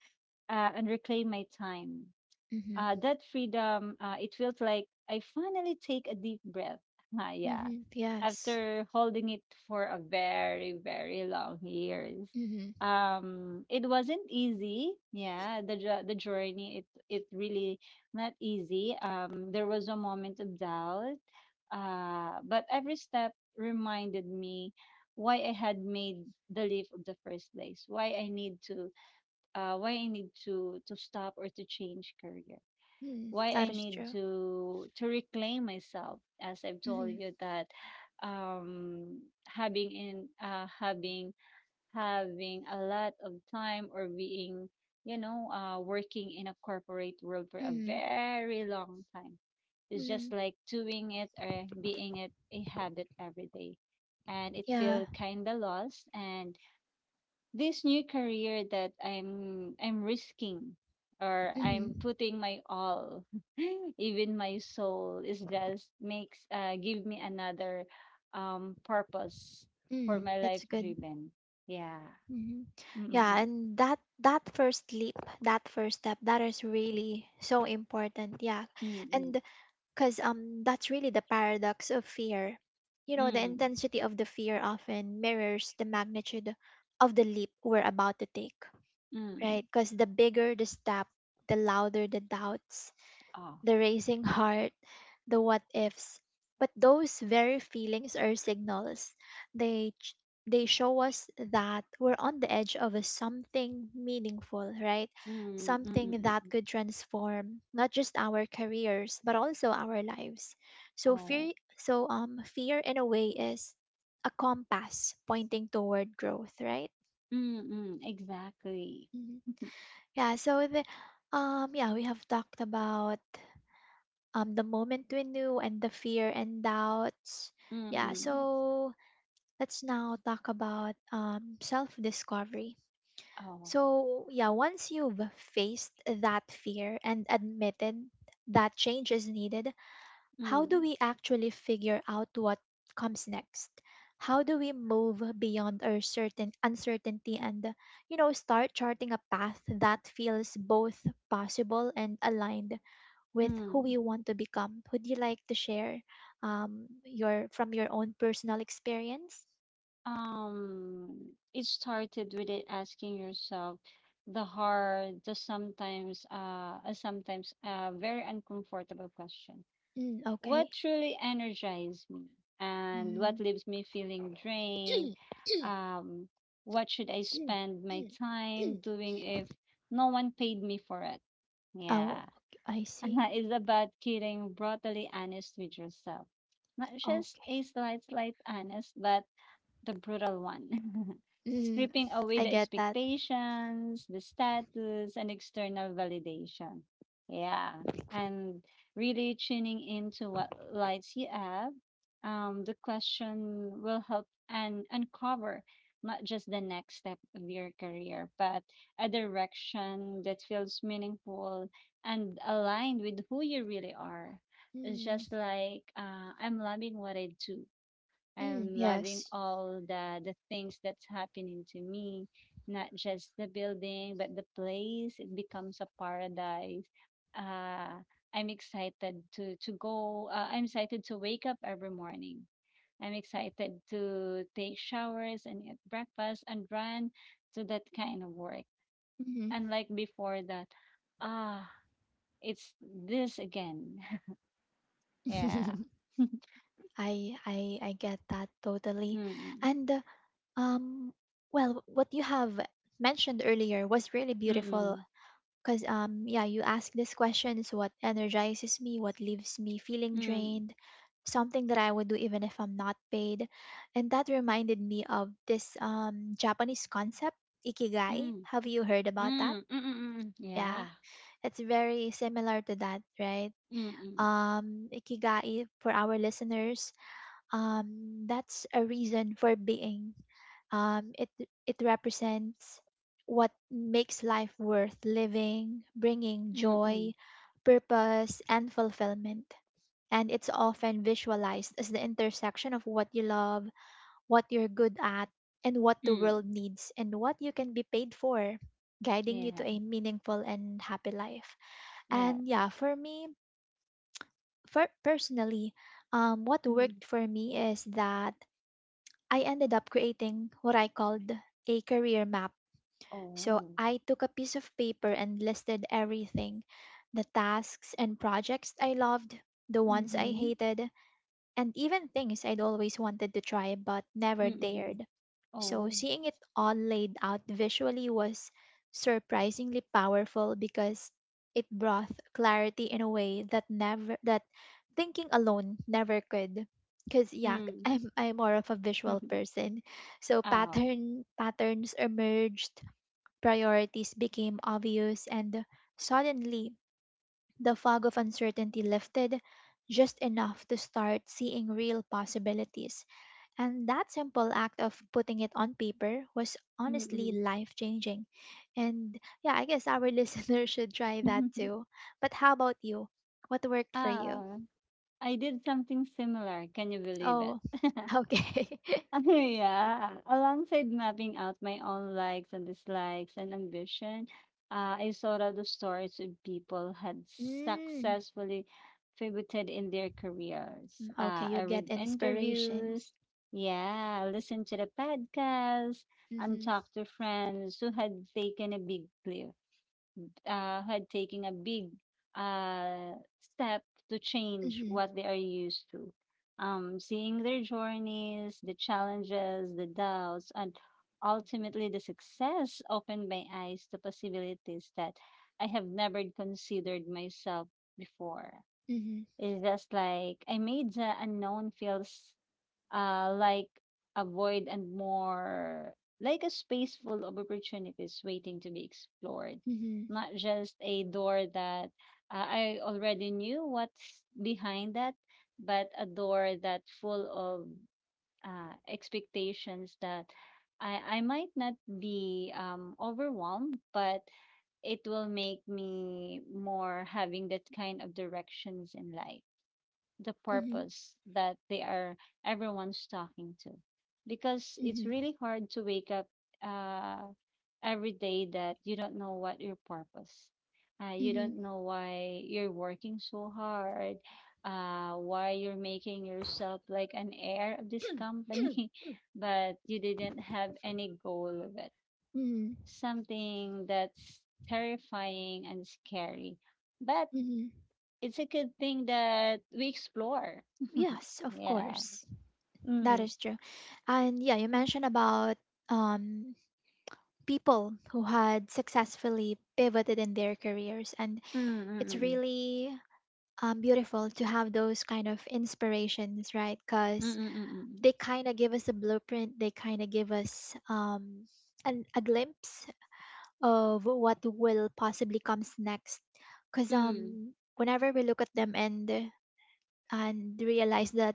Speaker 2: uh, and reclaim my time.
Speaker 1: Mm-hmm.
Speaker 2: Uh, that freedom, uh, it feels like I finally take a deep breath. Yeah.
Speaker 1: Mm-hmm. Yes.
Speaker 2: After holding it for a very, very long years.
Speaker 1: Mm-hmm.
Speaker 2: Um, it wasn't easy. Yeah, the jo- the journey, it it really not easy. Um, there was a moment of doubt. Uh, but every step reminded me why I had made the leap of the first place, why I need to uh, why I need to to stop or to change career,
Speaker 1: Mm.
Speaker 2: why
Speaker 1: That
Speaker 2: I
Speaker 1: is
Speaker 2: need
Speaker 1: true.
Speaker 2: to to reclaim myself. As I've told
Speaker 1: Mm-hmm.
Speaker 2: you that um having in uh having having a lot of time, or being, you know, uh working in a corporate world for a
Speaker 1: Mm-hmm.
Speaker 2: very long time, it's
Speaker 1: Mm-hmm.
Speaker 2: just like doing it or being it a habit every day, and it
Speaker 1: Yeah.
Speaker 2: feel kind of lost, and this new career that I'm I'm risking or I'm
Speaker 1: Mm-hmm.
Speaker 2: putting my all, even my soul, is just makes uh give me another um purpose for
Speaker 1: Mm.
Speaker 2: my life
Speaker 1: That's good.
Speaker 2: driven. Yeah.
Speaker 1: Mhm. Yeah,
Speaker 2: Mm-mm.
Speaker 1: and that that first leap, that first step, that is really so important. Yeah.
Speaker 2: Mm-mm.
Speaker 1: And cuz um that's really the paradox of fear. You know, the
Speaker 2: Mm.
Speaker 1: intensity of the fear often mirrors the magnitude of the leap we're about to take,
Speaker 2: Mm.
Speaker 1: right? Cuz the bigger the step, the louder the doubts,
Speaker 2: Oh.
Speaker 1: the racing heart, the what ifs. But those very feelings are signals. They ch- they show us that we're on the edge of a something meaningful, right?
Speaker 2: Mm.
Speaker 1: Something that
Speaker 2: Mm-mm.
Speaker 1: could transform not just our careers but also our lives. So
Speaker 2: Oh.
Speaker 1: fear so um fear in a way is a compass pointing toward growth, right?
Speaker 2: Mm-mm. Exactly.
Speaker 1: Mhm. Yeah, so the um yeah, we have talked about um, the moment we knew and the fear and doubts. Yeah,
Speaker 2: Mm-mm.
Speaker 1: so let's now talk about um, self discovery.
Speaker 2: Oh.
Speaker 1: So, yeah, once you've faced that fear and admitted that change is needed, how do
Speaker 2: Mm.
Speaker 1: we actually figure out what comes next? How do we move beyond our certain uncertainty and, you know, start charting a path that feels both possible and aligned with who
Speaker 2: Mm.
Speaker 1: you want to become. Would you like to share um, your from your own personal experience?
Speaker 2: Um, it started with it asking yourself the hard, the sometimes, uh, uh, sometimes uh, very uncomfortable question.
Speaker 1: Mm, okay.
Speaker 2: What truly energizes me and what
Speaker 1: Mm.
Speaker 2: leaves me feeling drained? Um, what should I spend my time doing if no one paid me for it?
Speaker 1: Oh,
Speaker 2: Yeah.
Speaker 1: ok- I see.
Speaker 2: It's about getting brutally honest with yourself. Not just
Speaker 1: Okay.
Speaker 2: a slight, slight honest, but the brutal one,
Speaker 1: Mm,
Speaker 2: stripping away
Speaker 1: I
Speaker 2: the
Speaker 1: get that.
Speaker 2: expectations, the status, and external validation. Yeah, and really tuning into what lights you up. Um, the question will help and uncover not just the next step of your career, but a direction that feels meaningful and aligned with who you really are. It's
Speaker 1: Mm,
Speaker 2: just like uh, I'm loving what I do,
Speaker 1: mm,
Speaker 2: I'm loving
Speaker 1: yes.
Speaker 2: all the the things that's happening to me, not just the building, but the place. It becomes a paradise. Uh, I'm excited to to go. Uh, I'm excited to wake up every morning. I'm excited to take showers and eat breakfast and run to that kind of work.
Speaker 1: Hmm.
Speaker 2: Unlike before that, ah, it's this again. Yeah.
Speaker 1: I I I get that totally.
Speaker 2: Mm-mm.
Speaker 1: And uh, um, well, what you have mentioned earlier was really beautiful.
Speaker 2: Mm-mm.
Speaker 1: Because, um, yeah, you ask this question is what energizes me, what leaves me feeling
Speaker 2: Mm-mm.
Speaker 1: drained, something that I would do even if I'm not paid. And that reminded me of this um, Japanese concept, ikigai.
Speaker 2: Mm.
Speaker 1: Have you heard about that?
Speaker 2: Mm, mm, mm, mm.
Speaker 1: Yeah,
Speaker 2: Yeah.
Speaker 1: it's very similar to that, right?
Speaker 2: Mm, mm,
Speaker 1: Um, Ikigai, for our listeners, um, that's a reason for being, um, it it represents what makes life worth living, bringing
Speaker 2: mm, mm,
Speaker 1: joy, purpose, and fulfillment. And it's often visualized as the intersection of what you love, what you're good at, and what the
Speaker 2: mm.
Speaker 1: world needs, and what you can be paid for, guiding you to
Speaker 2: Yeah,
Speaker 1: a meaningful and happy life. And yeah,
Speaker 2: yes.
Speaker 1: for me, for personally, um, what
Speaker 2: Mhm.
Speaker 1: worked for me is that I ended up creating what I called a career map. So
Speaker 2: Oh.
Speaker 1: I took a piece of paper and listed everything, the tasks and projects I loved, the ones I
Speaker 2: Mm-hmm.
Speaker 1: hated, and even things I'd always wanted to try but never
Speaker 2: Mm-mm.
Speaker 1: dared. So
Speaker 2: Oh.
Speaker 1: seeing it all laid out visually was surprisingly powerful because it brought clarity in a way that never that thinking alone never could. Cause yeah,
Speaker 2: Mm.
Speaker 1: I'm I'm more of a visual person. So
Speaker 2: Oh.
Speaker 1: pattern patterns emerged. Priorities became obvious, and suddenly the fog of uncertainty lifted just enough to start seeing real possibilities. And that simple act of putting it on paper was honestly
Speaker 2: Mm-mm.
Speaker 1: life changing. And yeah, I guess our listeners should try that too. But how about you? What worked for you?
Speaker 2: Ah, I did something similar. Can you believe it?
Speaker 1: Oh, okay.
Speaker 2: Yeah. Alongside mapping out my own likes and dislikes and ambition, uh, I sought out the stories of people had
Speaker 1: Mm,
Speaker 2: successfully pivoted in their careers.
Speaker 1: mm, okay,
Speaker 2: Uh,
Speaker 1: you
Speaker 2: I
Speaker 1: get
Speaker 2: read interviews,
Speaker 1: inspirations.
Speaker 2: yeah, listened to the podcast, and
Speaker 1: Mm-hmm,
Speaker 2: talked to friends who had taken a big leap, uh, had taken a big uh, step to change
Speaker 1: mm-hmm,
Speaker 2: what they are used to. Um, seeing their journeys, the challenges, the doubts, and ultimately the success opened my eyes to possibilities that I have never considered myself before.
Speaker 1: mm-hmm,
Speaker 2: It's just like I made the unknown feels uh, like avoid and more like a space full of opportunities waiting to be explored,
Speaker 1: mm-hmm,
Speaker 2: not just a door that uh, I already knew what's behind that, but a door that full of uh, expectations that I, I might not be um, overwhelmed, but it will make me more having that kind of directions in life, the
Speaker 1: mm-hmm,
Speaker 2: purpose that they are everyone's talking to, because it's
Speaker 1: mm-hmm,
Speaker 2: really hard to wake up uh, every day that you don't know what your purpose, uh, you
Speaker 1: mm-hmm.
Speaker 2: don't know why you're working so hard, uh, why you're making yourself like an heir of this company but you didn't have any goal of it.
Speaker 1: Mm,
Speaker 2: Something that's terrifying and scary, but
Speaker 1: mhm.
Speaker 2: it's a good thing that we explore.
Speaker 1: Yes, of
Speaker 2: Yeah.
Speaker 1: course. That
Speaker 2: Mm-mm.
Speaker 1: is true. And yeah, you mentioned about um, people who had successfully pivoted in their careers, and it's
Speaker 2: Mm-mm.
Speaker 1: really um, beautiful to have those kind of inspirations, right? Because
Speaker 2: Mm-mm-mm-mm.
Speaker 1: they kind of give us a blueprint, they kind of give us um, an, a glimpse of what will possibly comes next. Because
Speaker 2: Mm.
Speaker 1: um, whenever we look at them and and realized that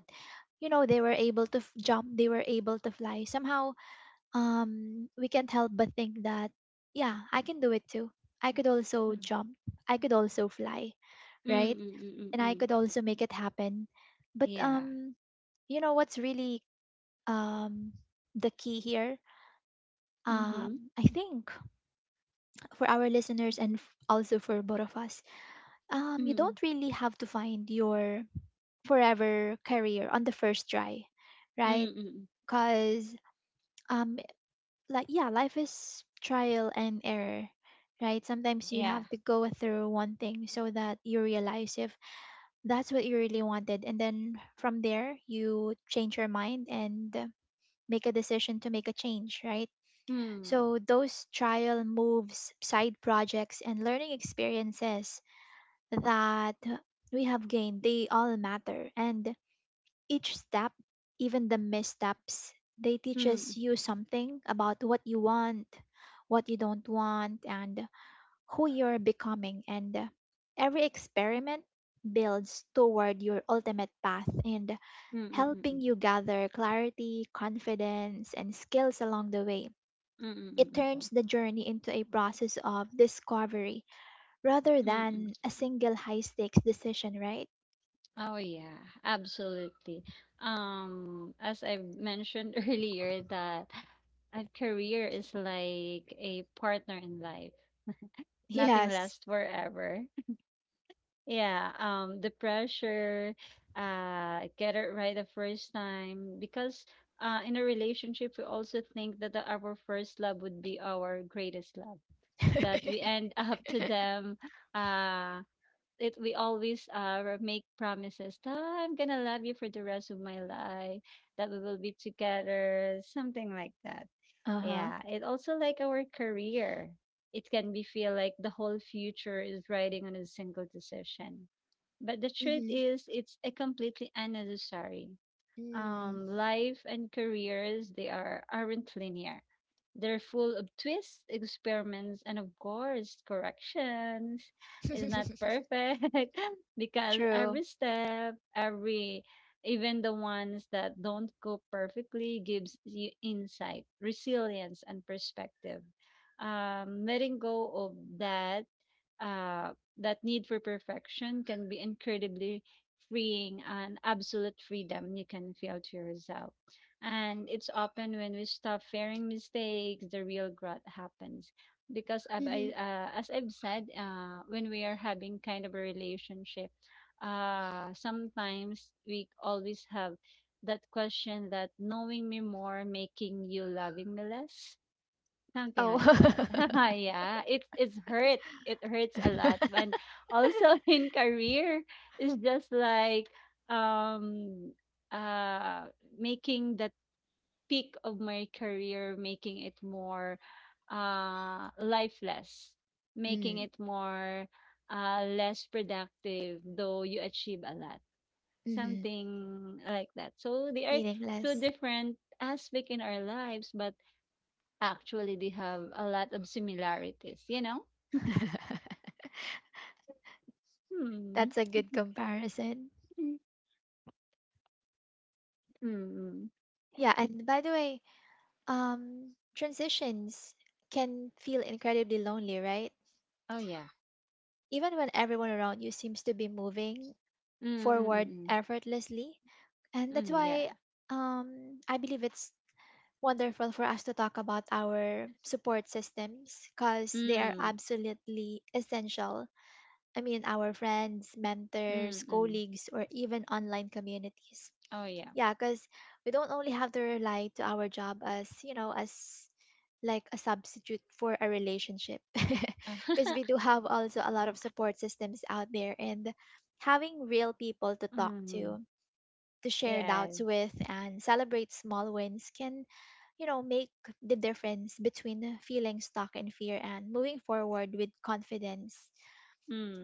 Speaker 1: you know they were able to f- jump, they were able to fly somehow, um we can't help but think that yeah, I can do it too. I could also jump, I could also fly, right? And I
Speaker 2: Mm-mm-mm-mm.
Speaker 1: could also make it happen. But
Speaker 2: Yeah.
Speaker 1: um you know what's really um the key here,
Speaker 2: Mm-hmm.
Speaker 1: um I think for our listeners and f- also for both of us, um you
Speaker 2: Mm.
Speaker 1: don't really have to find your forever career on the first try,
Speaker 2: Mm, mm,
Speaker 1: right?
Speaker 2: mm, mm, mm, mm,
Speaker 1: Cause um like yeah, life is trial and error, right? Sometimes
Speaker 2: mm, mm, mm.
Speaker 1: you have
Speaker 2: Yeah.
Speaker 1: to go through one thing so that you realize if that's what you really wanted and then from there you change your mind and uh, make a decision to make a change, right?
Speaker 2: mm
Speaker 1: So those trial moves, side projects and learning experiences that we have gained, they all matter. And each step, even the missteps, they
Speaker 2: hmm mm, mm, mm. Yeah. Mm.
Speaker 1: teaches
Speaker 2: Mm.
Speaker 1: you something about what you want, what you don't want, and who you're becoming. And every experiment builds toward your ultimate path and helping
Speaker 2: Mm-mm-mm.
Speaker 1: you gather clarity, confidence, and skills along the way. It
Speaker 2: Mm-mm-mm.
Speaker 1: turns the journey into a process of discovery rather
Speaker 2: Mm-mm.
Speaker 1: than a single high stakes decision, right?
Speaker 2: Oh yeah, absolutely. Um, as I mentioned earlier that a career is like a partner in life. Nothing
Speaker 1: Yes.
Speaker 2: lasts forever. Yeah, um, the pressure, uh, get it right the first time, because uh, in a relationship we also think that the, our first love would be our greatest love.
Speaker 1: Uh
Speaker 2: That we end up to them. Uh, it we always uh make promises that, "Oh, I'm gonna love you for the rest of my life. That we will be together, something like that."
Speaker 1: huh.
Speaker 2: Yeah, it also like our career. It can be feel like the whole future is riding on a single decision. But the truth is, it's a completely unnecessary.
Speaker 1: Mm-hmm.
Speaker 2: Um, life and careers, they are aren't linear. They're full of twists, experiments, and of course, corrections. It's not perfect because
Speaker 1: True.
Speaker 2: every step, every even the ones that don't go perfectly, gives you insight, resilience, and perspective. Um, letting go of that uh, that need for perfection can be incredibly freeing, and absolute freedom you can feel to yourself. And it's often when we stop fearing mistakes, the real growth happens. Because I've,
Speaker 1: Hmm.
Speaker 2: I, uh, as I've said, uh, when we are having kind of a relationship, uh, sometimes we always have that question that, knowing me more, making you loving me less. Something like
Speaker 1: Oh,
Speaker 2: that. Yeah, it it's hurt. It hurts a lot. And also in career, it's just like um uh making the peak of my career, making it more uh lifeless, making
Speaker 1: Mm,
Speaker 2: it more uh less productive, though you achieve a lot.
Speaker 1: mm-hmm.
Speaker 2: Something like that. So they are two
Speaker 1: Meaningless.
Speaker 2: different aspect in our lives, but actually, they have a lot of similarities, you know? Hmm.
Speaker 1: That's a good comparison.
Speaker 2: Mm.
Speaker 1: Yeah, and by the way, um, transitions can feel incredibly lonely, right?
Speaker 2: Oh, yeah.
Speaker 1: Even when everyone around you seems to be moving
Speaker 2: Mm, mm, mm,
Speaker 1: forward
Speaker 2: mm.
Speaker 1: effortlessly. And that's
Speaker 2: Mm, yeah.
Speaker 1: why um, I believe it's wonderful for us to talk about our support systems because they are
Speaker 2: Mm,
Speaker 1: absolutely essential. I mean, our friends,
Speaker 2: mm,
Speaker 1: mentors,
Speaker 2: mm.
Speaker 1: colleagues, or even online communities.
Speaker 2: Oh, yeah.
Speaker 1: Yeah, because we don't only have to rely to our job as, you know, as like a substitute for a relationship. Because we do have also a lot of support systems out there and having real people to talk
Speaker 2: Mm,
Speaker 1: to, to share doubts
Speaker 2: yes.
Speaker 1: with, and celebrate small wins can, you know, make the difference between feeling stuck in fear and moving forward with confidence.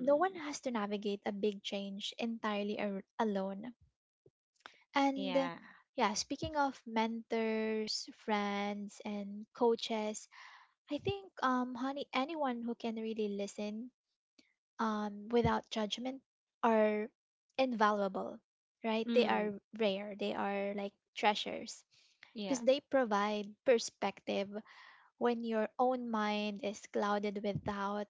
Speaker 1: No one has to navigate a big change entirely ar- alone. And uh,
Speaker 2: yeah.
Speaker 1: yeah, speaking of mentors, friends, and coaches, I think, um, honey, anyone who can really listen um, without judgment are invaluable, right? They are
Speaker 2: Mm,
Speaker 1: rare, they are like treasures
Speaker 2: yeah.
Speaker 1: because they provide perspective when your own mind is clouded with doubt,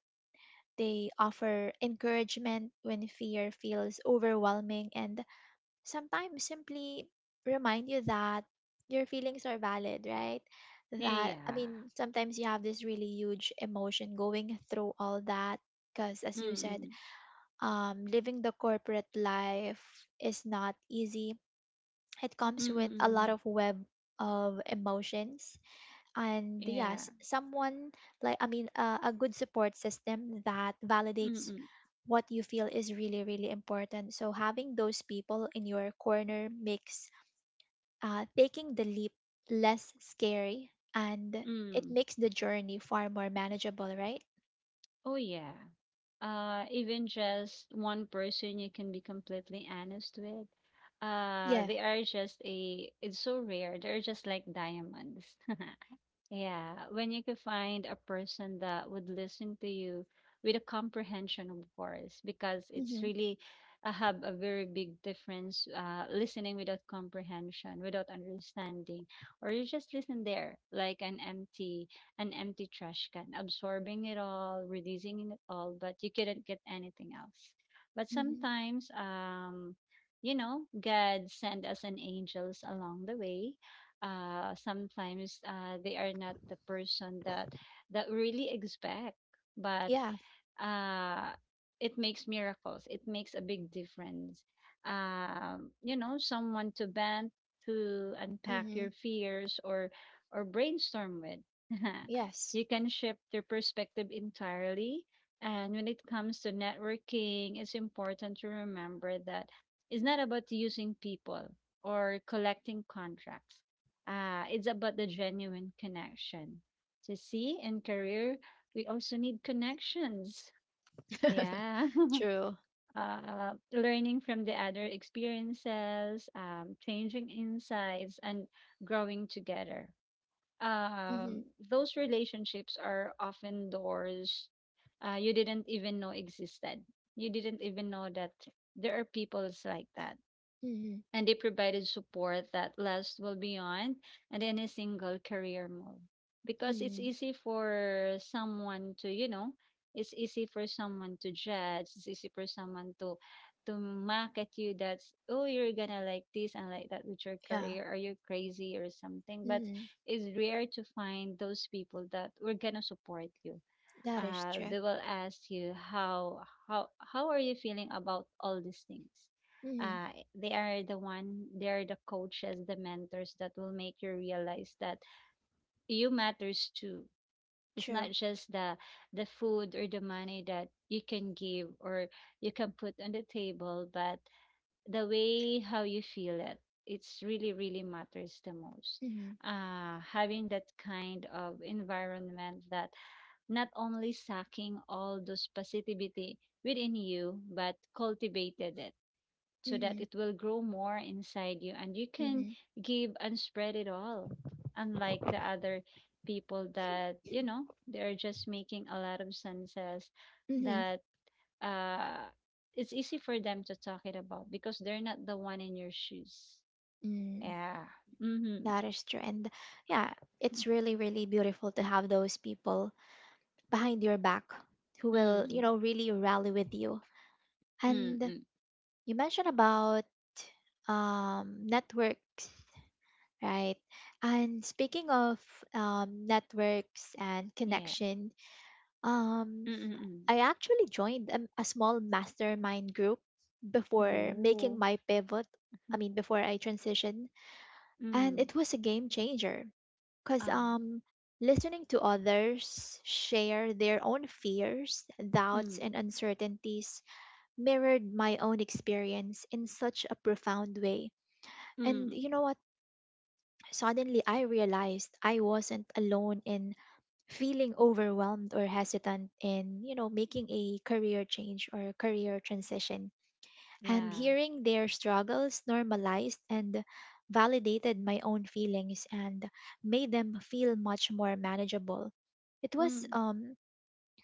Speaker 1: they offer encouragement when fear feels overwhelming and sometimes simply remind you that your feelings are valid, right? That, I
Speaker 2: Yeah.
Speaker 1: mean, sometimes you have this really huge emotion going through all that because, as
Speaker 2: Mm,
Speaker 1: you said,
Speaker 2: mm,
Speaker 1: um, living the corporate life is not easy. It
Speaker 2: mm,
Speaker 1: comes with
Speaker 2: mm,
Speaker 1: a lot
Speaker 2: mm.
Speaker 1: of web of emotions. And
Speaker 2: Yeah.
Speaker 1: yes, someone like, I mean, uh, a good support system that
Speaker 2: Mm,
Speaker 1: validates
Speaker 2: mm,
Speaker 1: what you feel is really, really important. So having those people in your corner makes uh, taking the leap less scary and it
Speaker 2: mm.
Speaker 1: makes the journey far more manageable, right?
Speaker 2: Oh, yeah. Uh, even just one person you can be completely honest with. Uh,
Speaker 1: Yeah.
Speaker 2: they are just a, It's so rare. They're just like diamonds. Yeah, when you could find a person that would listen to you with a comprehension, of course, because it's
Speaker 1: Mm-hmm.
Speaker 2: really, I have a very big difference uh, listening without comprehension, without understanding, or you just listen there like an empty, an empty trash can, absorbing it all, releasing it all, but you couldn't get anything else. But
Speaker 1: Mm-hmm.
Speaker 2: sometimes, um, you know, God send us an angels along the way. Uh, sometimes uh, they are not the person that that we really expect, but
Speaker 1: Yeah.
Speaker 2: uh, it makes miracles. It makes a big difference. Um, you know, someone to bend to unpack
Speaker 1: Mm-hmm.
Speaker 2: your fears, or or brainstorm with.
Speaker 1: Yes.
Speaker 2: You can shift your perspective entirely. And when it comes to networking, it's important to remember that it's not about using people or collecting contracts. Uh, it's about the genuine connection. To see in career, we also need connections. Yeah.
Speaker 1: True.
Speaker 2: Uh, learning from the other experiences, um, changing insights, and growing together.
Speaker 1: Mm-hmm.
Speaker 2: Um, those relationships are often doors uh, you didn't even know existed. You didn't even know that there are peoples like that,
Speaker 1: Mm-hmm.
Speaker 2: and they provided support that lasts well beyond and any single career move, because it's
Speaker 1: Mm-hmm.
Speaker 2: easy for someone to you know it's easy for someone to judge. It's easy for someone to to mock at you, that's, oh, you're gonna like this and like that with your
Speaker 1: Yeah.
Speaker 2: career, or you're crazy or something. But
Speaker 1: Mm-hmm.
Speaker 2: it's rare to find those people that were gonna support you.
Speaker 1: That is
Speaker 2: Uh,
Speaker 1: true.
Speaker 2: they will ask you how how how are you feeling about all these things.
Speaker 1: Mm-hmm.
Speaker 2: uh, they are the one, they are the coaches, the mentors that will make you realize that you matters too. It's
Speaker 1: True.
Speaker 2: not just the the food or the money that you can give, or you can put on the table, but the way how you feel it, it's really, really matters the most.
Speaker 1: Mm-hmm.
Speaker 2: Uh having that kind of environment that not only sucking all those positivity within you, but cultivated it, so that
Speaker 1: Mm-hmm.
Speaker 2: it will grow more inside you, and you can
Speaker 1: Mm-hmm.
Speaker 2: give and spread it all, unlike the other people that, you know, they're just making a lot of senses,
Speaker 1: Mm-hmm. Mm-hmm.
Speaker 2: that uh, it's easy for them to talk it about, because they're not the one in your shoes.
Speaker 1: Mm,
Speaker 2: Yeah. Mm-hmm.
Speaker 1: that is true. And yeah, it's really, really beautiful to have those people behind your back who will, you
Speaker 2: Mm.
Speaker 1: know, really rally with you. And
Speaker 2: Mm-mm.
Speaker 1: you mentioned about um, networks, right? And speaking of um, networks and
Speaker 2: Yeah.
Speaker 1: connection, um,
Speaker 2: Mm-mm.
Speaker 1: I actually joined a, a small mastermind group before
Speaker 2: Oh.
Speaker 1: making my pivot. I mean, before I transition, and
Speaker 2: Mm.
Speaker 1: it was a game changer. Because
Speaker 2: Of.
Speaker 1: um, listening to others share their own fears, doubts,
Speaker 2: Mm.
Speaker 1: and uncertainties mirrored my own experience in such a profound way. And
Speaker 2: Mm.
Speaker 1: you know what? Suddenly I realized I wasn't alone in feeling overwhelmed or hesitant in, you know, making a career change or career transition, and
Speaker 2: Yeah.
Speaker 1: hearing their struggles normalized and validated my own feelings and made them feel much more manageable. It was
Speaker 2: Mm.
Speaker 1: um,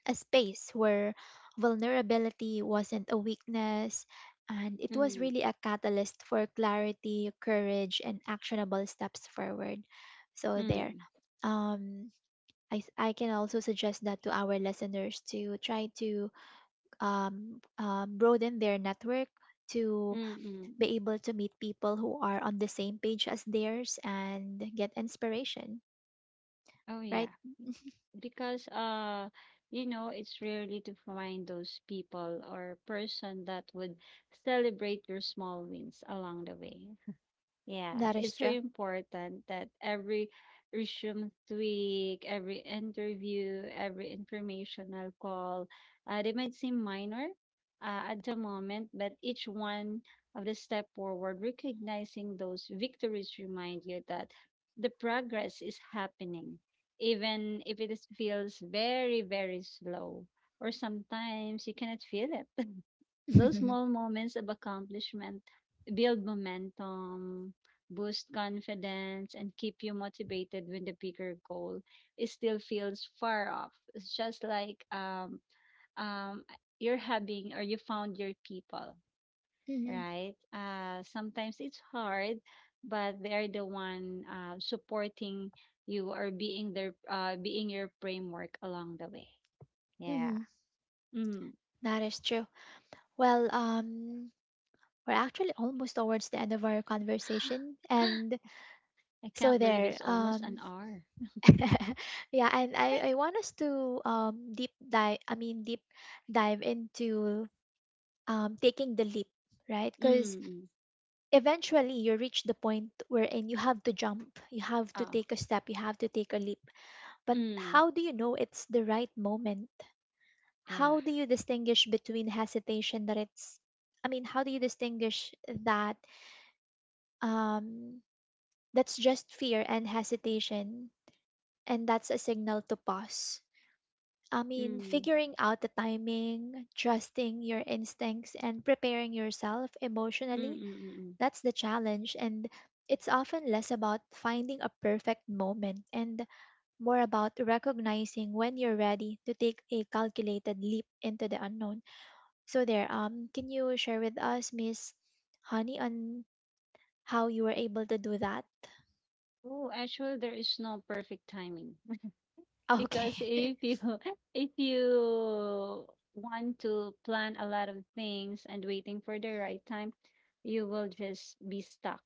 Speaker 1: a space where vulnerability wasn't a weakness, and it was
Speaker 2: Mm.
Speaker 1: really a catalyst for clarity, courage, and actionable steps forward. So, there.
Speaker 2: Mm.
Speaker 1: Um, I, s- I can also suggest that to our listeners to try to um, um, broaden their network to
Speaker 2: Mm.
Speaker 1: be able to meet people who are on the same page as theirs and get inspiration,
Speaker 2: Oh
Speaker 1: right?
Speaker 2: yeah. Because uh, you know, it's rarely to find those people or person that would celebrate your small wins along the way. Yeah,
Speaker 1: That is
Speaker 2: it's so
Speaker 1: true.
Speaker 2: important that every resume tweak, every interview, every informational call, uh, they might seem minor uh, at the moment, but each one of the step forward, recognizing those victories, remind you that the progress is happening, even if it is, feels very, very slow, or sometimes you cannot feel it. Those small moments of accomplishment build momentum, boost confidence, and keep you motivated when the bigger goal is still feels far off. It's just like um, um, you're having or you found your people,
Speaker 1: Hmm.
Speaker 2: right? Uh, sometimes it's hard, but they're the one uh, supporting you, or being their uh, being your framework along the way. Yeah.
Speaker 1: Hmm.
Speaker 2: Mm.
Speaker 1: That is true. Well, um, we're actually almost towards the end of our conversation, and
Speaker 2: I
Speaker 1: so
Speaker 2: can't believe
Speaker 1: there.
Speaker 2: it's almost an
Speaker 1: Um,
Speaker 2: hour.
Speaker 1: yeah, and I I want us to um deep dive. I mean, deep dive into um taking the leap, right? Because
Speaker 2: Mm.
Speaker 1: eventually you reach the point wherein you have to jump, you have to
Speaker 2: Ah.
Speaker 1: take a step, you have to take a leap. But
Speaker 2: Mm.
Speaker 1: how do you know it's the right moment?
Speaker 2: Yeah.
Speaker 1: How do you distinguish between hesitation that it's I mean, how do you distinguish that um that's just fear and hesitation and that's a signal to pause? I mean,
Speaker 2: Mm.
Speaker 1: figuring out the timing, trusting your instincts and preparing yourself
Speaker 2: Mm,
Speaker 1: emotionally.
Speaker 2: mm, mm, mm.
Speaker 1: That's the challenge, and it's often less about finding a perfect moment and more about recognizing when you're ready to take a calculated leap into the unknown. So there, um, can you share with us, Miss Honey, on how you were able to do that?
Speaker 2: Oh, actually, there is no perfect timing.
Speaker 1: Okay.
Speaker 2: Because if you if you want to plan a lot of things and waiting for the right time, you will just be stuck.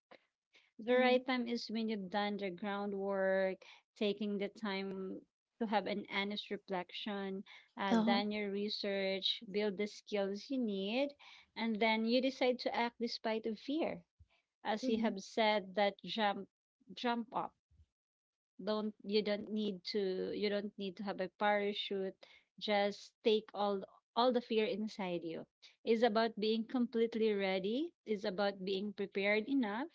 Speaker 2: The
Speaker 1: Mm-hmm.
Speaker 2: right time is when you've done the groundwork, taking the time to have an honest reflection, uh,
Speaker 1: Uh-huh.
Speaker 2: done your research, build the skills you need, and then you decide to act despite of fear. As you
Speaker 1: Mm-hmm.
Speaker 2: have said, that jump, jump up. Don't, you don't need to you don't need to have a parachute. Just take all all the fear inside you. It's about being completely ready. It's about being prepared enough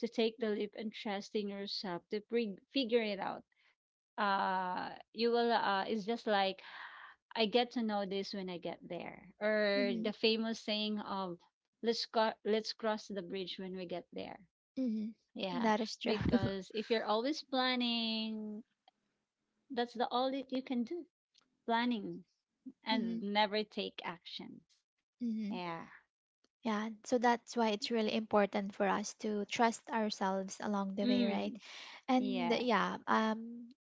Speaker 2: to take the leap, and trusting yourself to pre- figure it out. Uh you will, uh it's just like, I get to know this when I get there. Or
Speaker 1: Mm-hmm.
Speaker 2: the famous saying of, let's go, let's cross the bridge when we get there.
Speaker 1: Mm-hmm.
Speaker 2: Yeah,
Speaker 1: That is true.
Speaker 2: because if you're always planning, that's the all that you can do, planning
Speaker 1: Mm-hmm.
Speaker 2: and never take actions.
Speaker 1: Mm-hmm.
Speaker 2: Yeah.
Speaker 1: Yeah, so that's why it's really important for us to trust ourselves along the way, right?
Speaker 2: Mm,
Speaker 1: And
Speaker 2: yeah.
Speaker 1: yeah, um,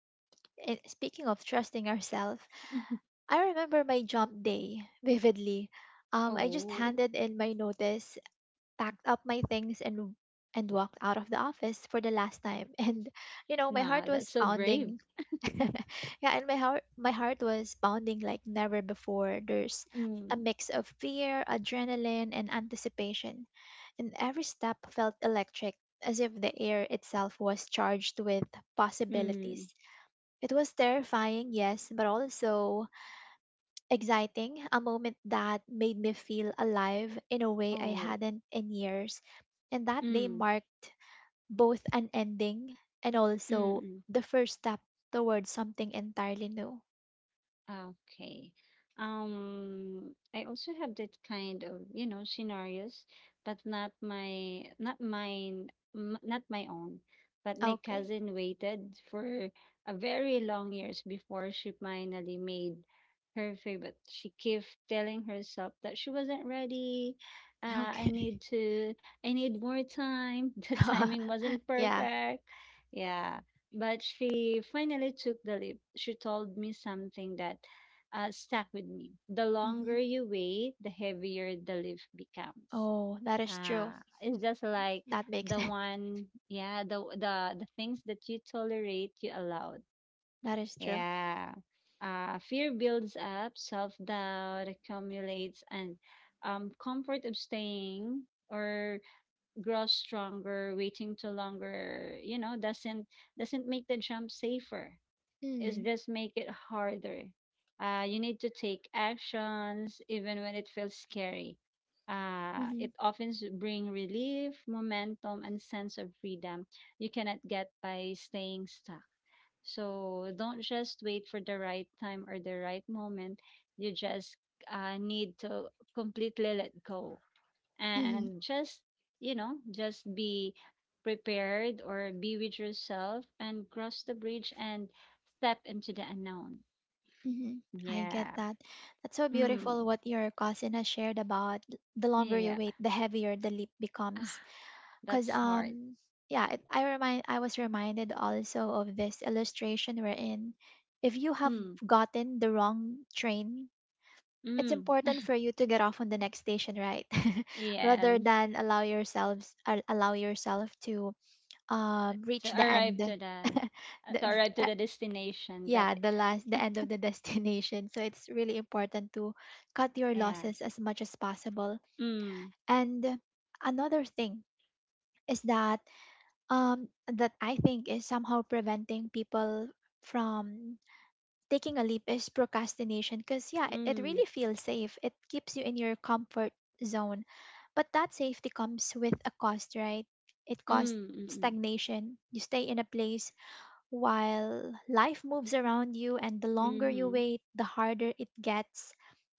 Speaker 1: it, speaking of trusting ourselves, I remember my jump day vividly. Um, I just
Speaker 2: Oh,
Speaker 1: handed in my notice, packed up my things and and walked out of the office for the last time. And you know, my
Speaker 2: nah,
Speaker 1: heart
Speaker 2: that's
Speaker 1: was
Speaker 2: so brave.
Speaker 1: pounding. Yeah, and my heart my heart was pounding like never before. There's a
Speaker 2: Mm,
Speaker 1: mix of fear, adrenaline, and anticipation. And every step felt electric, as if the air itself was charged with possibilities.
Speaker 2: mm,
Speaker 1: It was terrifying, yes, but also exciting, a moment that made me feel alive in a way I
Speaker 2: oh,
Speaker 1: hadn't in years. And that day
Speaker 2: mm,
Speaker 1: marked both an ending and
Speaker 2: mm,
Speaker 1: also
Speaker 2: mm.
Speaker 1: the first step towards something entirely new.
Speaker 2: Ah, okay. Um, I also have that kind of, you know, scenarios, but not my, not mine, m- not my own. But my
Speaker 1: Okay.
Speaker 2: cousin waited for a very long years before she finally made her favorite. She kept telling herself that she wasn't ready. Uh, I
Speaker 1: Okay.
Speaker 2: need to, I need more time. The timing wasn't
Speaker 1: Yeah.
Speaker 2: perfect. Yeah, but she finally took the leap. She told me something that uh, stuck with me. The
Speaker 1: Hmm.
Speaker 2: longer you wait, the heavier the leaf becomes.
Speaker 1: Oh, that is
Speaker 2: Uh,
Speaker 1: true.
Speaker 2: it's just like
Speaker 1: That makes
Speaker 2: the
Speaker 1: sense.
Speaker 2: one, yeah, the the the things that you tolerate, you allowed.
Speaker 1: That is true.
Speaker 2: Yeah. Uh, fear builds up, self doubt accumulates, and um, comfort of staying or grows stronger, waiting to longer, you know, doesn't doesn't make the jump safer. It's
Speaker 1: Mm.
Speaker 2: just make it harder. Uh, you need to take actions even when it feels scary. Uh,
Speaker 1: Hmm.
Speaker 2: it often s- bring relief, momentum, and sense of freedom you cannot get by staying stuck. So don't just wait for the right time or the right moment. You just uh, need to completely let go,
Speaker 1: Hmm.
Speaker 2: and just, you know, just be prepared or be with yourself, and cross the bridge and step into the unknown.
Speaker 1: Hmm. I get
Speaker 2: Yeah.
Speaker 1: that. That's so
Speaker 2: Mm.
Speaker 1: beautiful what your cousin has shared about the longer you
Speaker 2: Yeah.
Speaker 1: wait, the heavier the leap becomes.
Speaker 2: Ah,
Speaker 1: Cause
Speaker 2: that's hard.
Speaker 1: um yeah, it, I remind I was reminded also of this illustration wherein if you have
Speaker 2: Mm.
Speaker 1: gotten the wrong train, it's
Speaker 2: Mm.
Speaker 1: important for you to get off on the next station, right? Rather
Speaker 2: Yes,
Speaker 1: than allow yourselves al- allow yourself to um
Speaker 2: to
Speaker 1: reach the
Speaker 2: arrive
Speaker 1: end.
Speaker 2: to the uh,
Speaker 1: the,
Speaker 2: to arrive to
Speaker 1: uh,
Speaker 2: the destination that,
Speaker 1: yeah, the last the end of the destination. So it's really important to cut your
Speaker 2: yeah.
Speaker 1: losses as much as possible.
Speaker 2: Mm.
Speaker 1: And another thing is that um, that I think is somehow preventing people from taking a leap is procrastination, because yeah, it, it
Speaker 2: Mm.
Speaker 1: really feels safe, it keeps you in your comfort zone, but that safety comes with a cost, right? It costs
Speaker 2: Mm. Mm.
Speaker 1: stagnation. You stay in a place while life moves around you, and the
Speaker 2: Mm.
Speaker 1: longer you
Speaker 2: Mm.
Speaker 1: wait, the harder it gets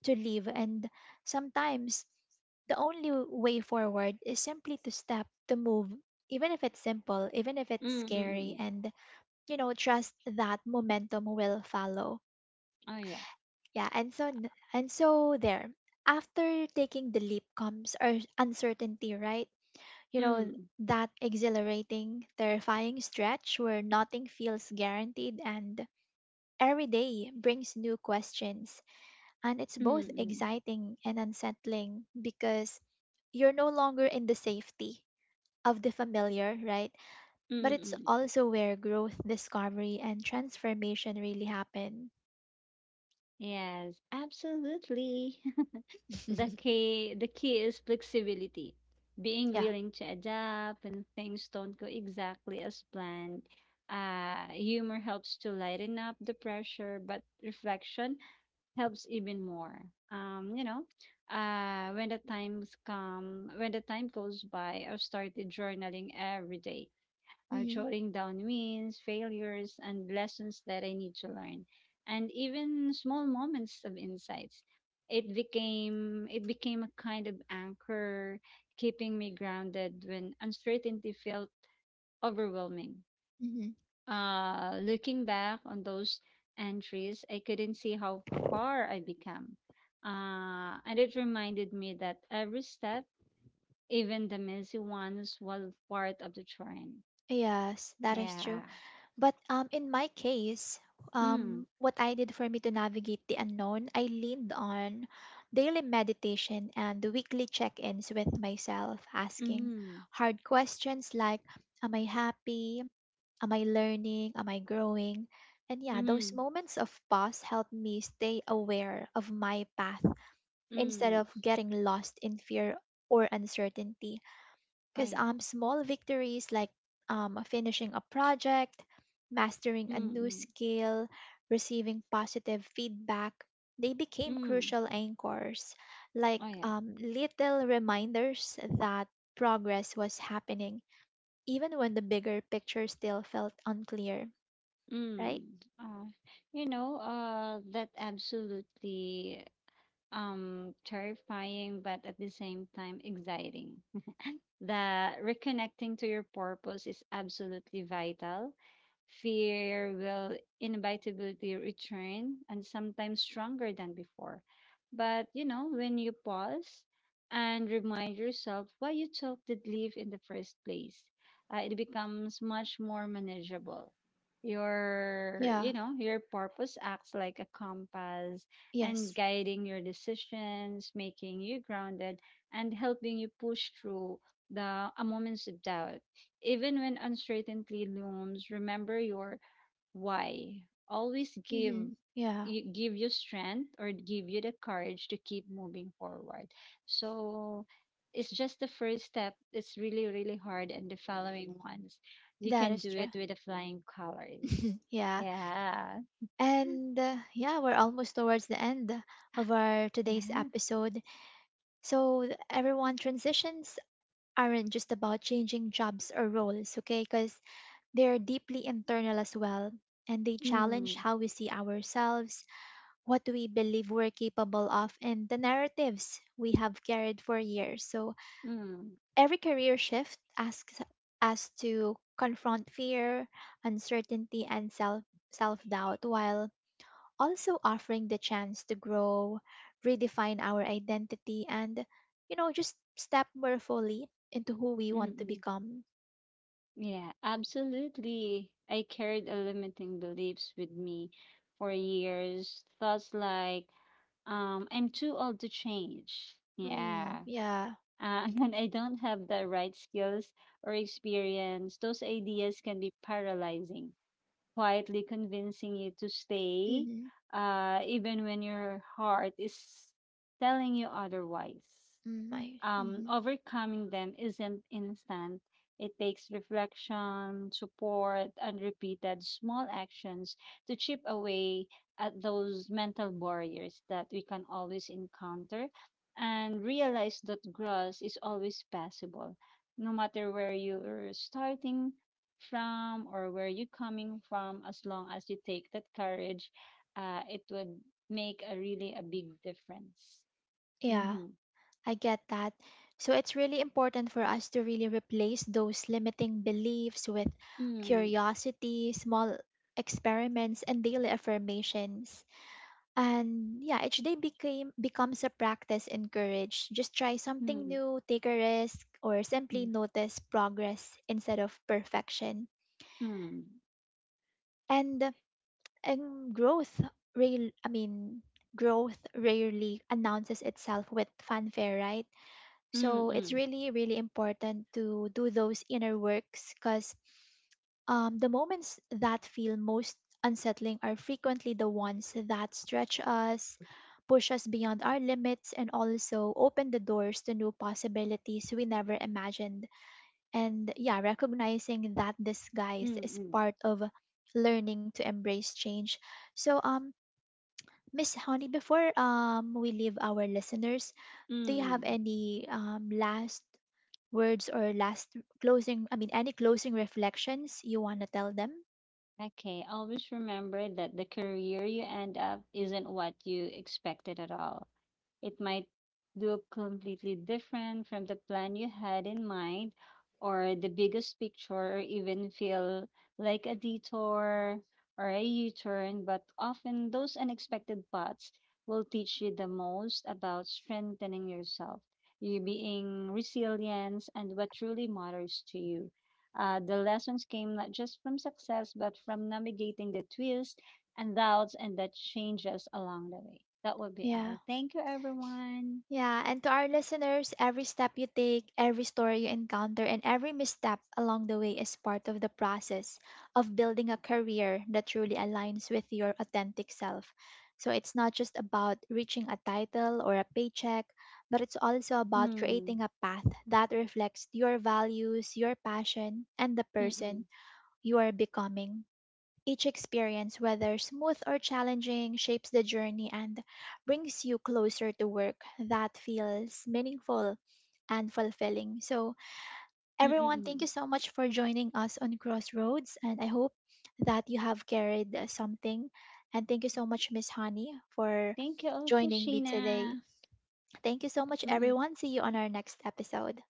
Speaker 1: to live. And sometimes the only way forward is simply to step, to move, even if it's simple, even if
Speaker 2: Mm.
Speaker 1: it's
Speaker 2: Mm. Mm.
Speaker 1: scary,
Speaker 2: Mm.
Speaker 1: and you know, trust that momentum will follow.
Speaker 2: Oh yeah.
Speaker 1: Yeah, and so n- and so there, after taking the leap comes our uncertainty, right? You know,
Speaker 2: Mm.
Speaker 1: that exhilarating, terrifying stretch where nothing feels guaranteed, and every day brings new questions, and it's both
Speaker 2: Mm.
Speaker 1: exciting and unsettling because you're no longer in the safety of the familiar, right? But
Speaker 2: Mm.
Speaker 1: it's
Speaker 2: Mm.
Speaker 1: also where growth, discovery, and transformation really happen.
Speaker 2: Yes, absolutely. The key the key is flexibility. Being
Speaker 1: Yeah.
Speaker 2: willing to adapt when things don't go exactly as planned. Uh, humor helps to lighten up the pressure, but reflection helps even more. Um, you know, uh, when the times come, when the time goes by, I've started journaling every day, uh,
Speaker 1: Hmm.
Speaker 2: jotting down wins, failures, and lessons that I need to learn, and even small moments of insights. It became it became a kind of anchor, keeping me grounded when uncertainty felt overwhelming.
Speaker 1: Hmm.
Speaker 2: Uh, looking back on those entries, I couldn't see how far I became, uh, and it reminded me that every step, even the messy ones, was part of the journey.
Speaker 1: Yes, that is true.
Speaker 2: Yeah.
Speaker 1: But um, in my case, um,
Speaker 2: Mm.
Speaker 1: what I did for me to navigate the unknown, I leaned on daily meditation and the weekly check ins with myself, asking
Speaker 2: Mm,
Speaker 1: hard questions like, am I happy? Am I learning? Am I growing? And yeah, those
Speaker 2: mm,
Speaker 1: moments of pause help me stay aware of my path instead
Speaker 2: mm.
Speaker 1: of getting lost in fear or uncertainty,
Speaker 2: Oh
Speaker 1: because
Speaker 2: yeah.
Speaker 1: um, small victories like um, finishing a project, mastering a
Speaker 2: Mm,
Speaker 1: new
Speaker 2: mm,
Speaker 1: skill, receiving positive feedback, they became
Speaker 2: mm.
Speaker 1: crucial anchors, like
Speaker 2: Oh yeah.
Speaker 1: um, little reminders that progress was happening, even when the bigger picture still felt unclear, right?
Speaker 2: Mm. Uh, you know, uh, that absolutely um terrifying, but at the same time exciting. The reconnecting to your purpose is absolutely vital. Fear will inevitably return, and sometimes stronger than before. But, you know, when you pause and remind yourself why you took the leave in the first place, uh, it becomes much more manageable. Your, you
Speaker 1: Yeah,
Speaker 2: know, your purpose acts like a compass, and
Speaker 1: yes.
Speaker 2: guiding your decisions, making you grounded and helping you push through the uh, moments of doubt. Even when uncertainty looms, remember your why. Always
Speaker 1: Hmm.
Speaker 2: give
Speaker 1: Yeah,
Speaker 2: you, give you strength, or give you the courage to keep moving forward. So it's just the first step. It's really, really hard, and the following ones, you
Speaker 1: that
Speaker 2: can
Speaker 1: is
Speaker 2: do
Speaker 1: true.
Speaker 2: it with the flying colors.
Speaker 1: Yeah.
Speaker 2: Yeah,
Speaker 1: And uh, yeah, we're almost towards the end of our today's
Speaker 2: yeah.
Speaker 1: episode. So th- everyone, transitions aren't just about changing jobs or roles, okay? Because they're deeply internal as well. And they challenge
Speaker 2: Mm,
Speaker 1: how we see ourselves, what we believe we're capable of, and the narratives we have carried for years. So
Speaker 2: mm,
Speaker 1: every career shift asks us to confront fear, uncertainty, and self self doubt, while also offering the chance to grow, redefine our identity, and, you know, just step more fully into who we want to
Speaker 2: mm-mm.
Speaker 1: become.
Speaker 2: Yeah, absolutely. I carried a limiting beliefs with me for years. Thoughts like, Um, I'm too old to change.
Speaker 1: Mm,
Speaker 2: Yeah.
Speaker 1: yeah.
Speaker 2: Uh, and I don't have the right skills or experience. Those ideas can be paralyzing, quietly convincing you to stay,
Speaker 1: Mm-hmm.
Speaker 2: uh, even when your heart is telling you otherwise.
Speaker 1: Mm, I,
Speaker 2: um,
Speaker 1: mm-hmm.
Speaker 2: overcoming them isn't instant. It takes reflection, support, and repeated small actions to chip away at those mental barriers that we can always encounter, and realize that growth is always possible, no matter where you're starting from or where you're coming from. As long as you take that courage, uh, it would make a really a big difference.
Speaker 1: Yeah,
Speaker 2: Mm-hmm.
Speaker 1: I get that. So it's really important for us to really replace those limiting beliefs with
Speaker 2: Mm-hmm.
Speaker 1: curiosity, small experiments, and daily affirmations. And yeah, each day became becomes a practice in just try something
Speaker 2: Mm-hmm.
Speaker 1: new, take a risk, or simply
Speaker 2: Mm,
Speaker 1: notice progress instead of perfection.
Speaker 2: mm,
Speaker 1: And and growth real I mean, growth rarely announces itself with fanfare, right?
Speaker 2: mm,
Speaker 1: So it's
Speaker 2: mm,
Speaker 1: really, really important to do those inner works, because um, the moments that feel most unsettling are frequently the ones that stretch us, push us beyond our limits, and also open the doors to new possibilities we never imagined. And yeah, recognizing that disguise is
Speaker 2: mm.
Speaker 1: part of learning to embrace change. So, um, Miss Honey, before um we leave our listeners, do you have
Speaker 2: Mm.
Speaker 1: any um, last words or last closing i mean any closing reflections you want to tell them?
Speaker 2: Okay, always remember that the career you end up isn't what you expected at all. It might look completely different from the plan you had in mind, or the biggest picture, or even feel like a detour or a U turn. But often, those unexpected paths will teach you the most about strengthening yourself, you being resilience, and what truly matters to you. Uh, the lessons came not just from success, but from navigating the twists and doubts and that changes along the way. That would be
Speaker 1: Yeah,
Speaker 2: all. Thank you, everyone.
Speaker 1: yeah. And to our listeners, every step you take, every story you encounter, and every misstep along the way is part of the process of building a career that truly aligns with your authentic self. So it's not just about reaching a title or a paycheck, but it's also about
Speaker 2: Mm.
Speaker 1: creating a path that reflects your values, your passion, and the person
Speaker 2: Mm-mm.
Speaker 1: you are becoming. Each experience, whether smooth or challenging, shapes the journey and brings you closer to work that feels meaningful and fulfilling. So, everyone, thank you
Speaker 2: Mm-mm.
Speaker 1: so much for joining us on Crossroads, and I hope that you have carried uh, something. And thank you so much, Miss Honey, for
Speaker 2: Thank you also,
Speaker 1: joining me today.
Speaker 2: Sheena.
Speaker 1: Thank you so much,
Speaker 2: Mm-mm.
Speaker 1: everyone. See you on our next episode.